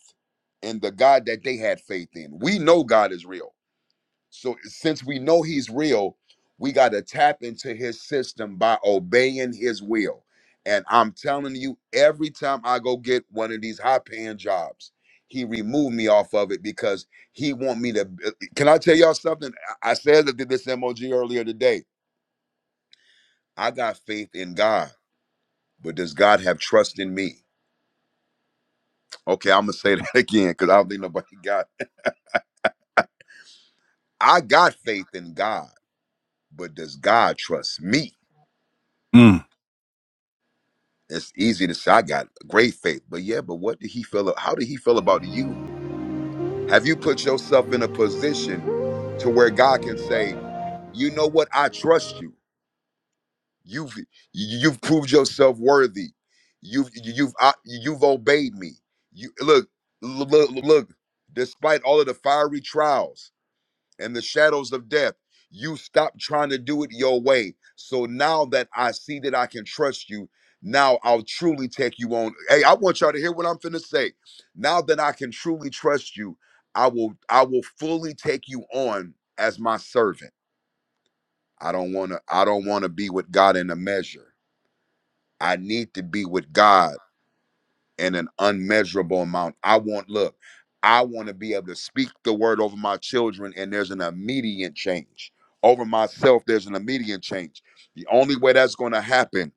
S4: in the God that they had faith in. We know God is real. So since we know he's real, we got to tap into his system by obeying his will. And I'm telling you, every time I go get one of these high paying jobs, he removed me off of it because he want me to. uh, Can I tell y'all something? I I said that did this MOG earlier today. I got faith in God, but does God have trust in me? Okay, I'm gonna say that again because I don't think nobody got. I got faith in God, but does God trust me?
S1: Mm.
S4: It's easy to say I got great faith, but yeah, but what did he feel? How did he feel about you? Have you put yourself in a position to where God can say, you know what? I trust you. You've you've proved yourself worthy. You've you've I- you've obeyed me. You look look look. look, Despite all of the fiery trials, and the shadows of death. You stopped trying to do it your way. So now that I see that I can trust you, now I'll truly take you on. Hey, I want y'all to hear what I'm finna say. Now that I can truly trust you, I will I will fully take you on as my servant. I don't want to I don't want to be with God in a measure. I need to be with God in an unmeasurable amount. I want, look, I want to be able to speak the word over my children, and there's an immediate change. Over myself, there's an immediate change. The only way that's going to happen,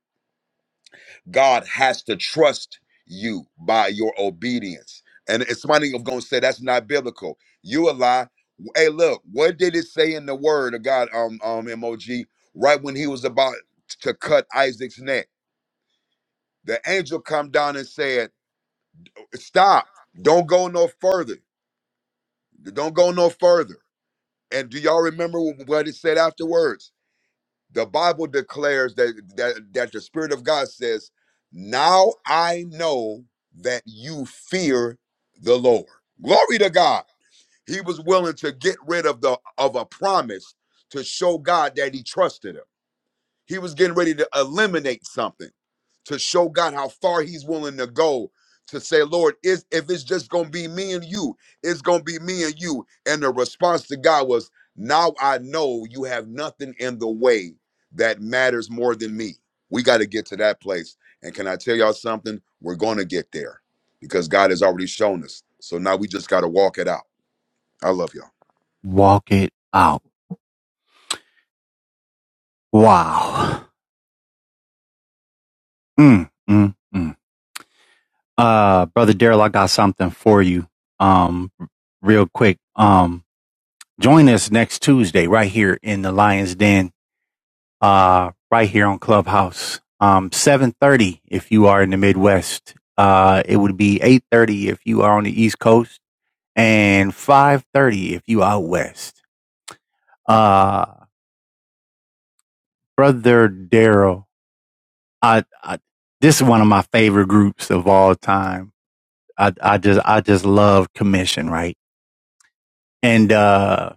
S4: God has to trust you by your obedience. And it's somebody going to say that's not biblical. You a lie. Hey, look, what did it say in the word of God, um, um, MOG, right when he was about to cut Isaac's neck? The angel come down and said, Stop. Don't go no further. Don't go no further. And do y'all remember what it said afterwards? The Bible declares that that, that the Spirit of God says, Now I know that you fear the Lord. Glory to God. He was willing to get rid of the of a promise to show God that he trusted him. He was getting ready to eliminate something to show God how far he's willing to go to say, Lord, is if it's just gonna be me and you, it's gonna be me and you. And the response to God was, Now I know you have nothing in the way that matters more than me. We got to get to that place. And can I tell y'all something? We're gonna get there because God has already shown us. So now we just gotta walk it out. I love y'all.
S1: Walk it out. Wow. Mm, mm, mm. Uh, brother Daryl, I got something for you. Um, real quick. Um, join us next Tuesday right here in the Lions Den. Uh, right here on Clubhouse. Um, seven thirty if you are in the Midwest. Uh, it would be eight thirty if you are on the East Coast, and five thirty if you out west. Uh, brother Daryl, I, I this is one of my favorite groups of all time I, I just I just love commission, right? And uh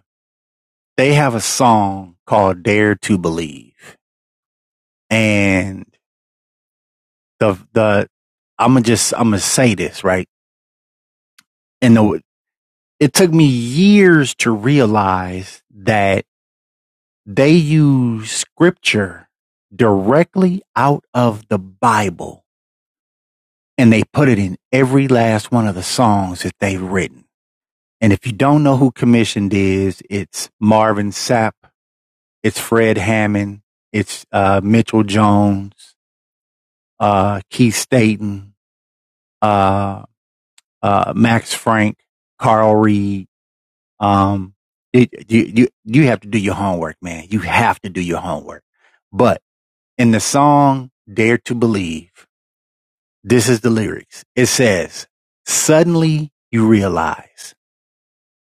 S1: they have a song called Dare to Believe. And the the I'ma just I'ma say this, right? And the, it took me years to realize that they use scripture directly out of the Bible and they put it in every last one of the songs that they've written. And if you don't know who commissioned is, it's Marvin Sapp It's Fred Hammond. It's uh, Mitchell Jones, uh, Keith Staton, uh, uh, Max Frank, Carl Reed. Um, it, you, you, you have to do your homework, man. You have to do your homework. But in the song Dare to Believe, this is the lyrics. It says, suddenly you realize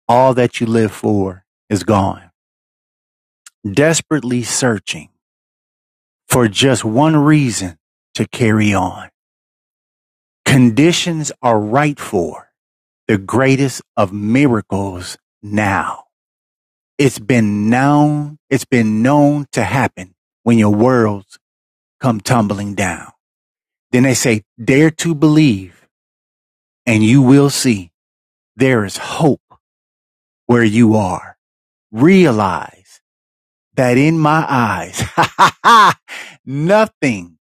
S1: all that you live for is gone, desperately searching for just one reason to carry on. Conditions are right for the greatest of miracles now. It's been known, it's been known to happen when your worlds come tumbling down. Then they say, dare to believe and you will see there is hope where you are. Realize that in my eyes, nothing,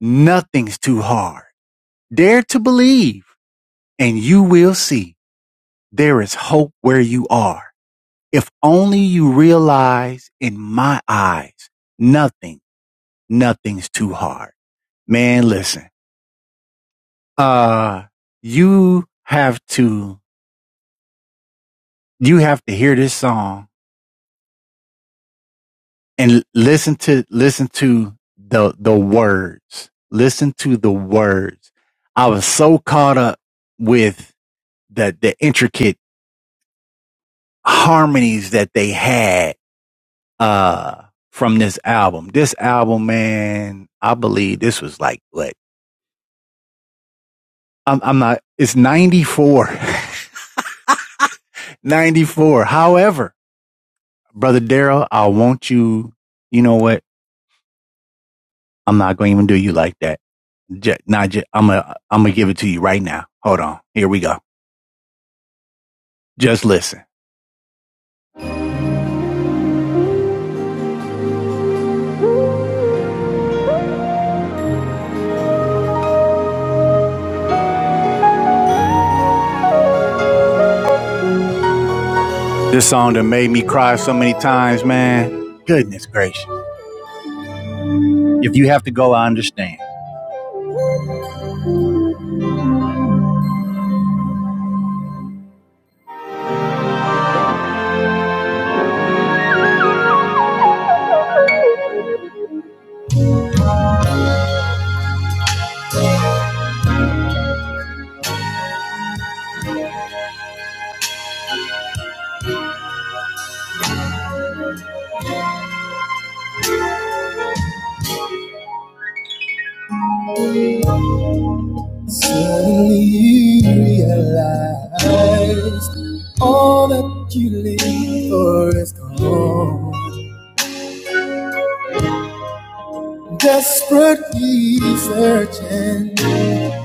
S1: nothing's too hard. Dare to believe and you will see there is hope where you are. If only you realize in my eyes, nothing, nothing's too hard. Man, listen, uh, you have to, you have to hear this song and listen to, listen to the, the words, listen to the words. I was so caught up with the, the intricate harmonies that they had, uh, from this album. This album, man, I believe this was like what I'm, I'm not, it's 94, 94. However, brother Daryl, I want you, you know what? I'm not going to even do you like that. Just, not just, I'm going I'm going to give it to you right now. Hold on. Here we go. Just listen. This song that made me cry so many times, man. Goodness gracious. If you have to go, I understand. Only realize all that you live for is gone. Desperately searching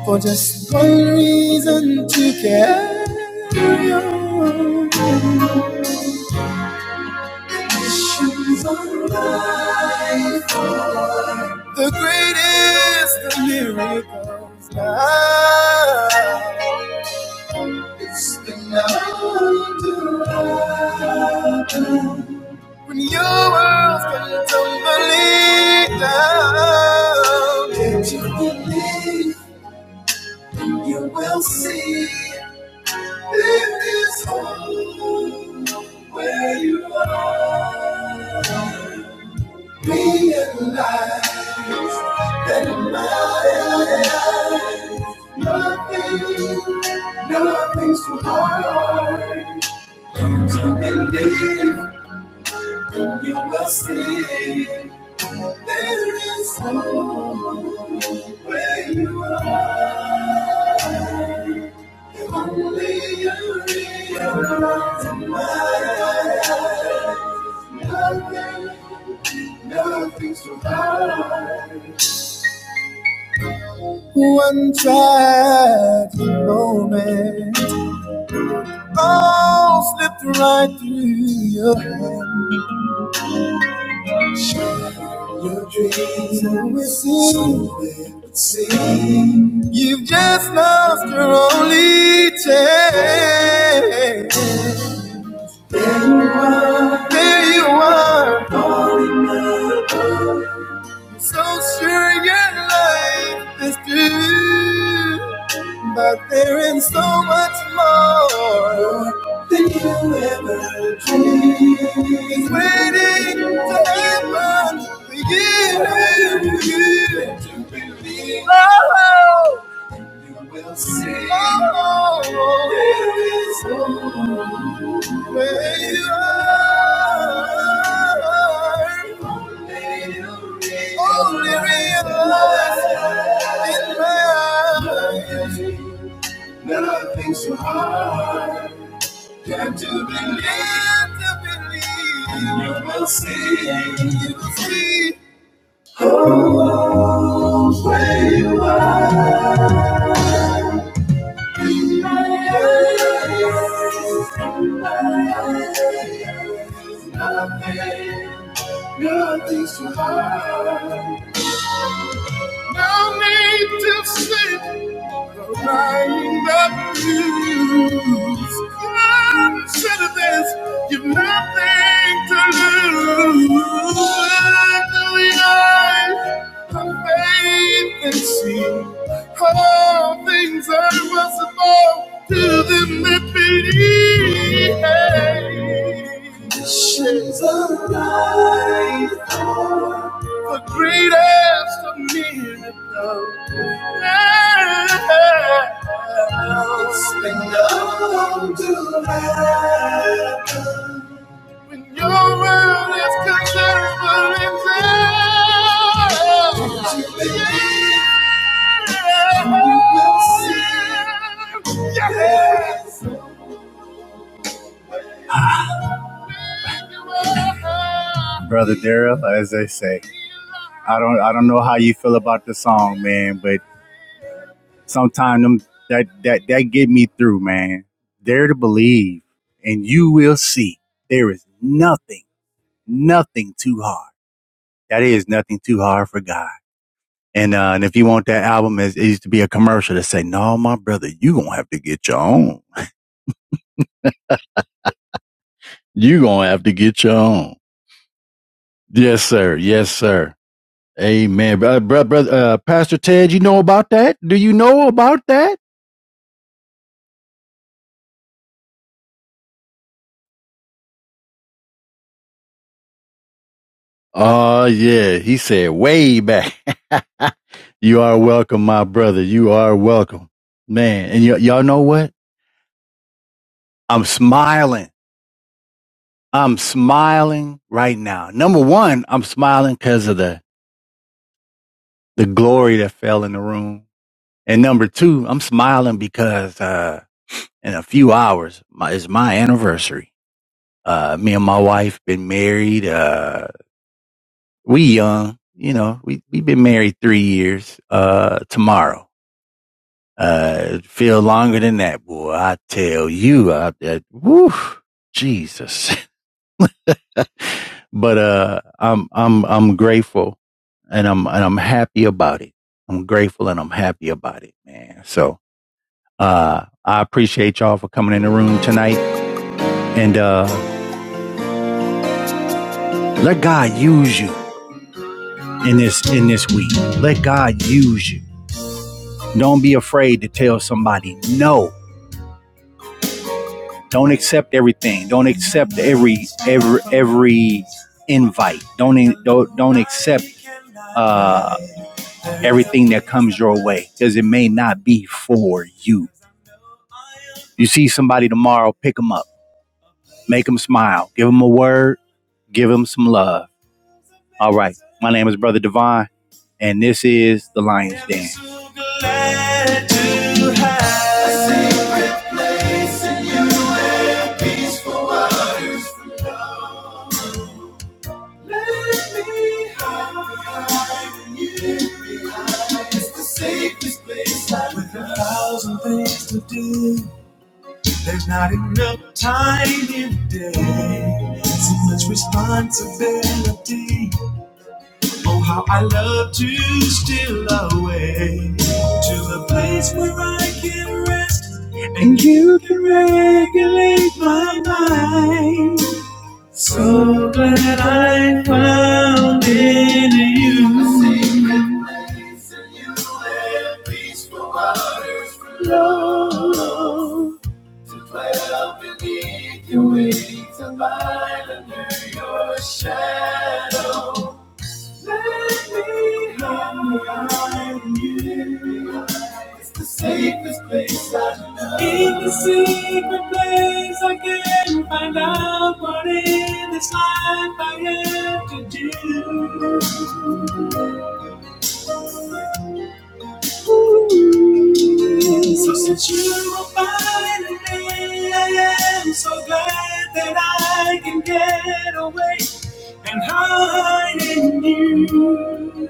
S1: for just one reason to carry on. Issues on life. The greatest of miracles now. It's enough to happen. When your world can tumbling down, can't you believe? You will see it is home where you are. Be in life, nothing, nothing's too hard. Come To believe you will see there is home where you are. If only you realize tonight, nothing, nothing's too hard. One tragic moment, all slipped right through your hand. Your dreams are wishing, but see, you've just lost your only chance. There you are, so sure your life is through. But there is so much more than you ever dreamed. It's waiting to happen for you to believe. Oh, you will see. Oh, there is no you are. Only realize in my eyes. Nothing's so hard. Got to believe, to believe. You will see, you will see. Nothing, nothing's too hard. No need to say I lose. faith and see all things are possible to them that believe. The greatest of miracles. Yeah. Your world is considerable in yeah. Brother Daryl, as they say, I don't, I don't know how you feel about the song, man, but sometimes them that that that get me through, man. Dare to believe, and you will see there is nothing, nothing too hard. That is nothing too hard for God. And uh, and if you want that album, it, it used to be a commercial that say, "No, my brother, you gonna have to get your own. You gonna have to get your own." Yes, sir. Yes, sir. Amen, brother. brother, brother uh, Pastor Ted, you know about that? Do you know about that? Oh, yeah. He said way back. you are welcome, my brother. You are welcome, man. And y- y'all know what? I'm smiling I'm smiling right now. Number one, I'm smiling because of the, the glory that fell in the room. And number two, I'm smiling because, uh, in a few hours my, is my anniversary. Uh, me and my wife been married. Uh, we young, you know, we, we been married three years, uh, tomorrow. Uh, feel longer than that, boy. I tell you, I, I woo, Jesus. but uh, I'm I'm I'm grateful, and I'm and I'm happy about it. I'm grateful and I'm happy about it, man. So uh, I appreciate y'all for coming in the room tonight, and uh, let God use you in this in this week. Let God use you. Don't be afraid to tell somebody no. Don't accept everything. Don't accept every every every invite. Don't don't don't accept uh, everything that comes your way because it may not be for you. You see somebody tomorrow, pick them up, make them smile, give them a word, give them some love. All right. My name is Brother Divine, and this is The Lion's Den. with a thousand things to do. There's not enough time in the day. So much responsibility. Oh, how I love to steal away to the place where I can rest and you can regulate my mind. So glad I found in you. A secret place in you and peaceful waters flow. To dwell beneath your wings and abide under your shadow. Let me hide behind you. It's the safest place I know. It's the secret place I can find out what in this life I have to do. So since you are finding me, I am so glad that I can get away and hide in you.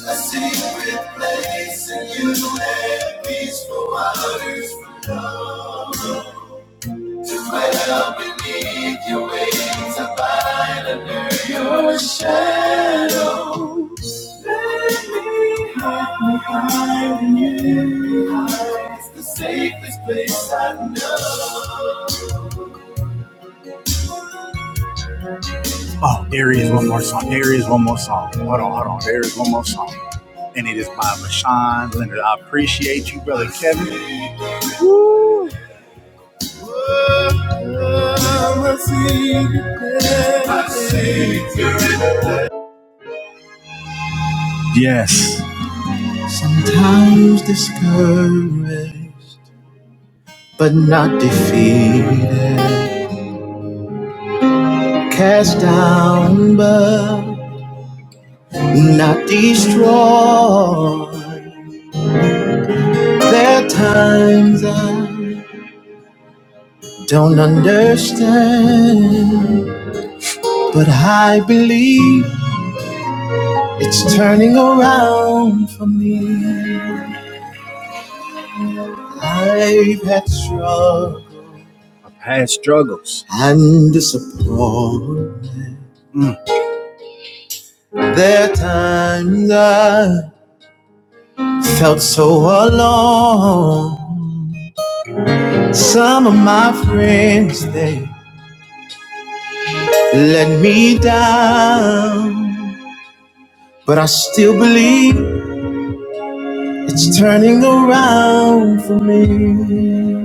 S1: A secret place in you and peaceful waters to dwell beneath your wings. I find under your shadow. Oh, there is one more song. There is one more song. Hold on, hold on. There is one more song. And it is by Mashawn Leonard. I appreciate you, brother Kevin. Yes. Cast down, but not destroyed. There are times I don't understand, but I believe. It's turning around for me. I've had struggles. I've had struggles. And disappointment. There are times I felt so alone. Some of my friends, they let me down. But I still believe it's turning around for me.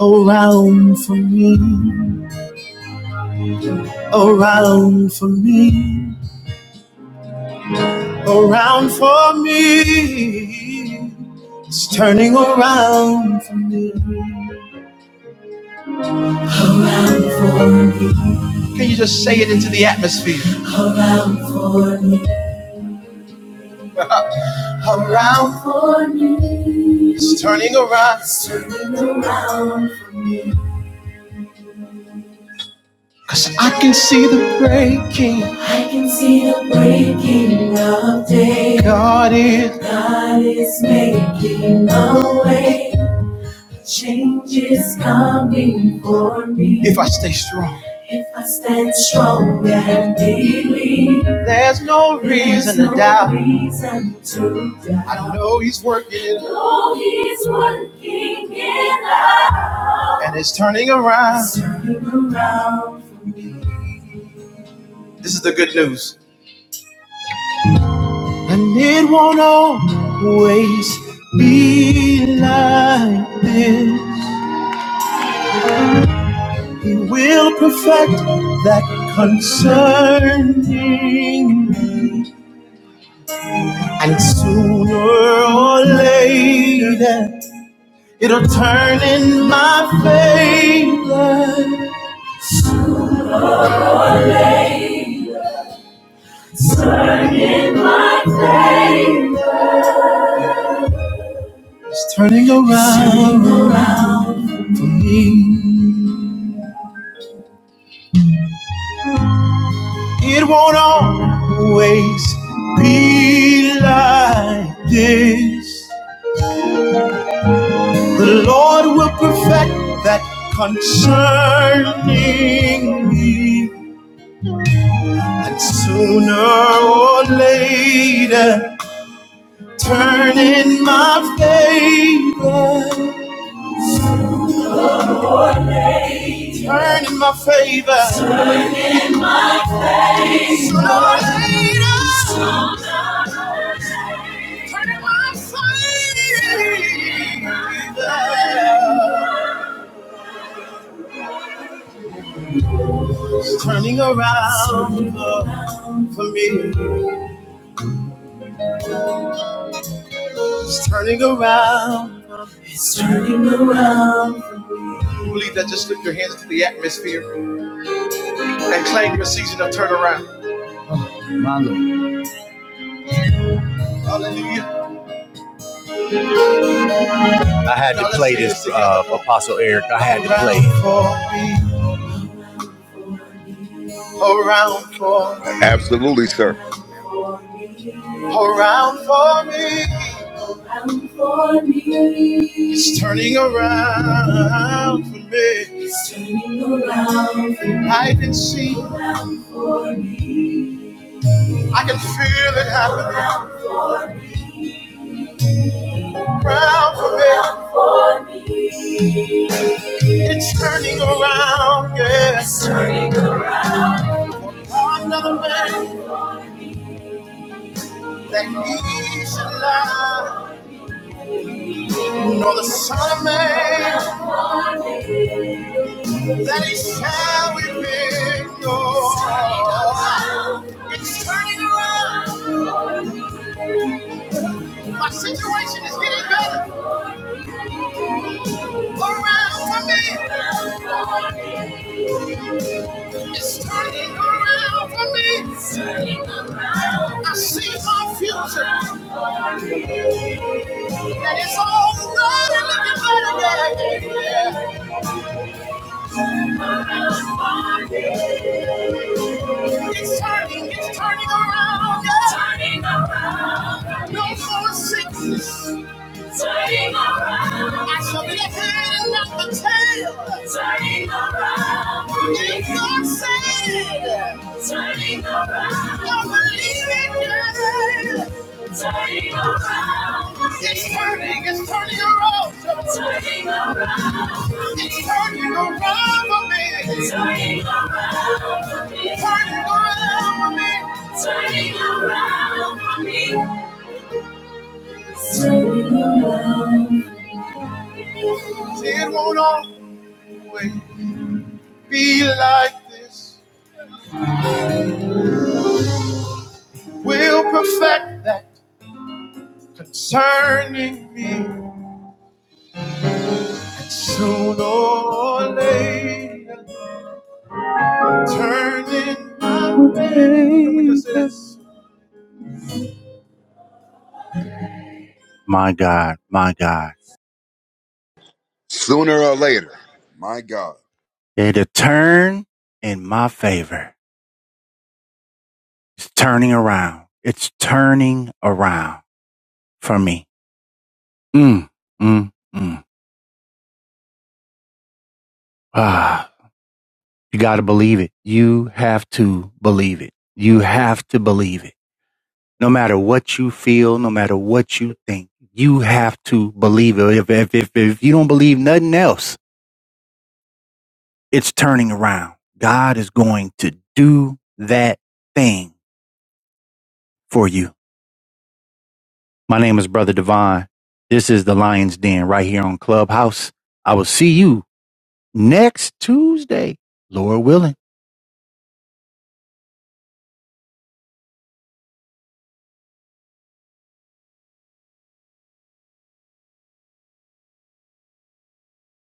S1: Around for me. Around for me. around for me. It's turning around. Now for me. It's turning around. It's turning around for me. 'Cause I can see the breaking. I can see the breaking of day. God is. God is making a way. Change is coming for me. If I stay strong. If I stand strong and believe. There's no reason There's reason to no doubt. reason to doubt. I don't know he's working. it. Know he's working it out. And it's turning around. It's turning around. This is the good news. And it won't always be like this. He will perfect that concerning. me. And sooner or later, it'll turn in my favor. It's turning around. me. It won't always be like this. The Lord will perfect that concerning me. And sooner or later, turn in my favor. Turn in my favor. Sooner or later. Turn in my favor. It's Turning around uh, for me. It's turning around. It's turning around. Believe that. Just lift your hands to the atmosphere and claim your season of turnaround. Hallelujah. I had to play this, uh, Apostle Eric. I had to play. it. Around for me,
S4: Absolutely, sir.
S1: around for me, around for me. It's turning around for me. It's turning around for me. I can see, Around for me. I can feel it happening. Around for me around for me. It's turning around, yes. Another man he shall love. No, the Son of Man will be yours. around, It's turning around. My situation is getting better. around for me. It's turning around for me. I see my future. And it's all running looking better than yeah. It's turning, it's turning around. Yeah. Turning around. No more sickness. Turning around. I shall be the head, not the tail. Turning around. It's not said. Turning around. Don't believe it yet. Turning around. It's turning, it's turning around. Turning around. It's turning around for me. Turning around for me. Turning around for me. Turning around for me. Turning around. It won't always be like this. We'll perfect that concerning me sooner or later. Turn in my favor. My God, my God.
S4: Sooner or later, my God.
S1: It'll turn in my favor. It's turning around. It's turning around for me. Mm, mm, mm. Ah, you got to believe it. You have to believe it. You have to believe it no matter what you feel, no matter what you think, you have to believe it. If, if, if, if you don't believe nothing else, it's turning around. God is going to do that thing for you. My name is Brother Divine. This is the Lion's Den right here on Clubhouse. I will see you next Tuesday, Lord willing.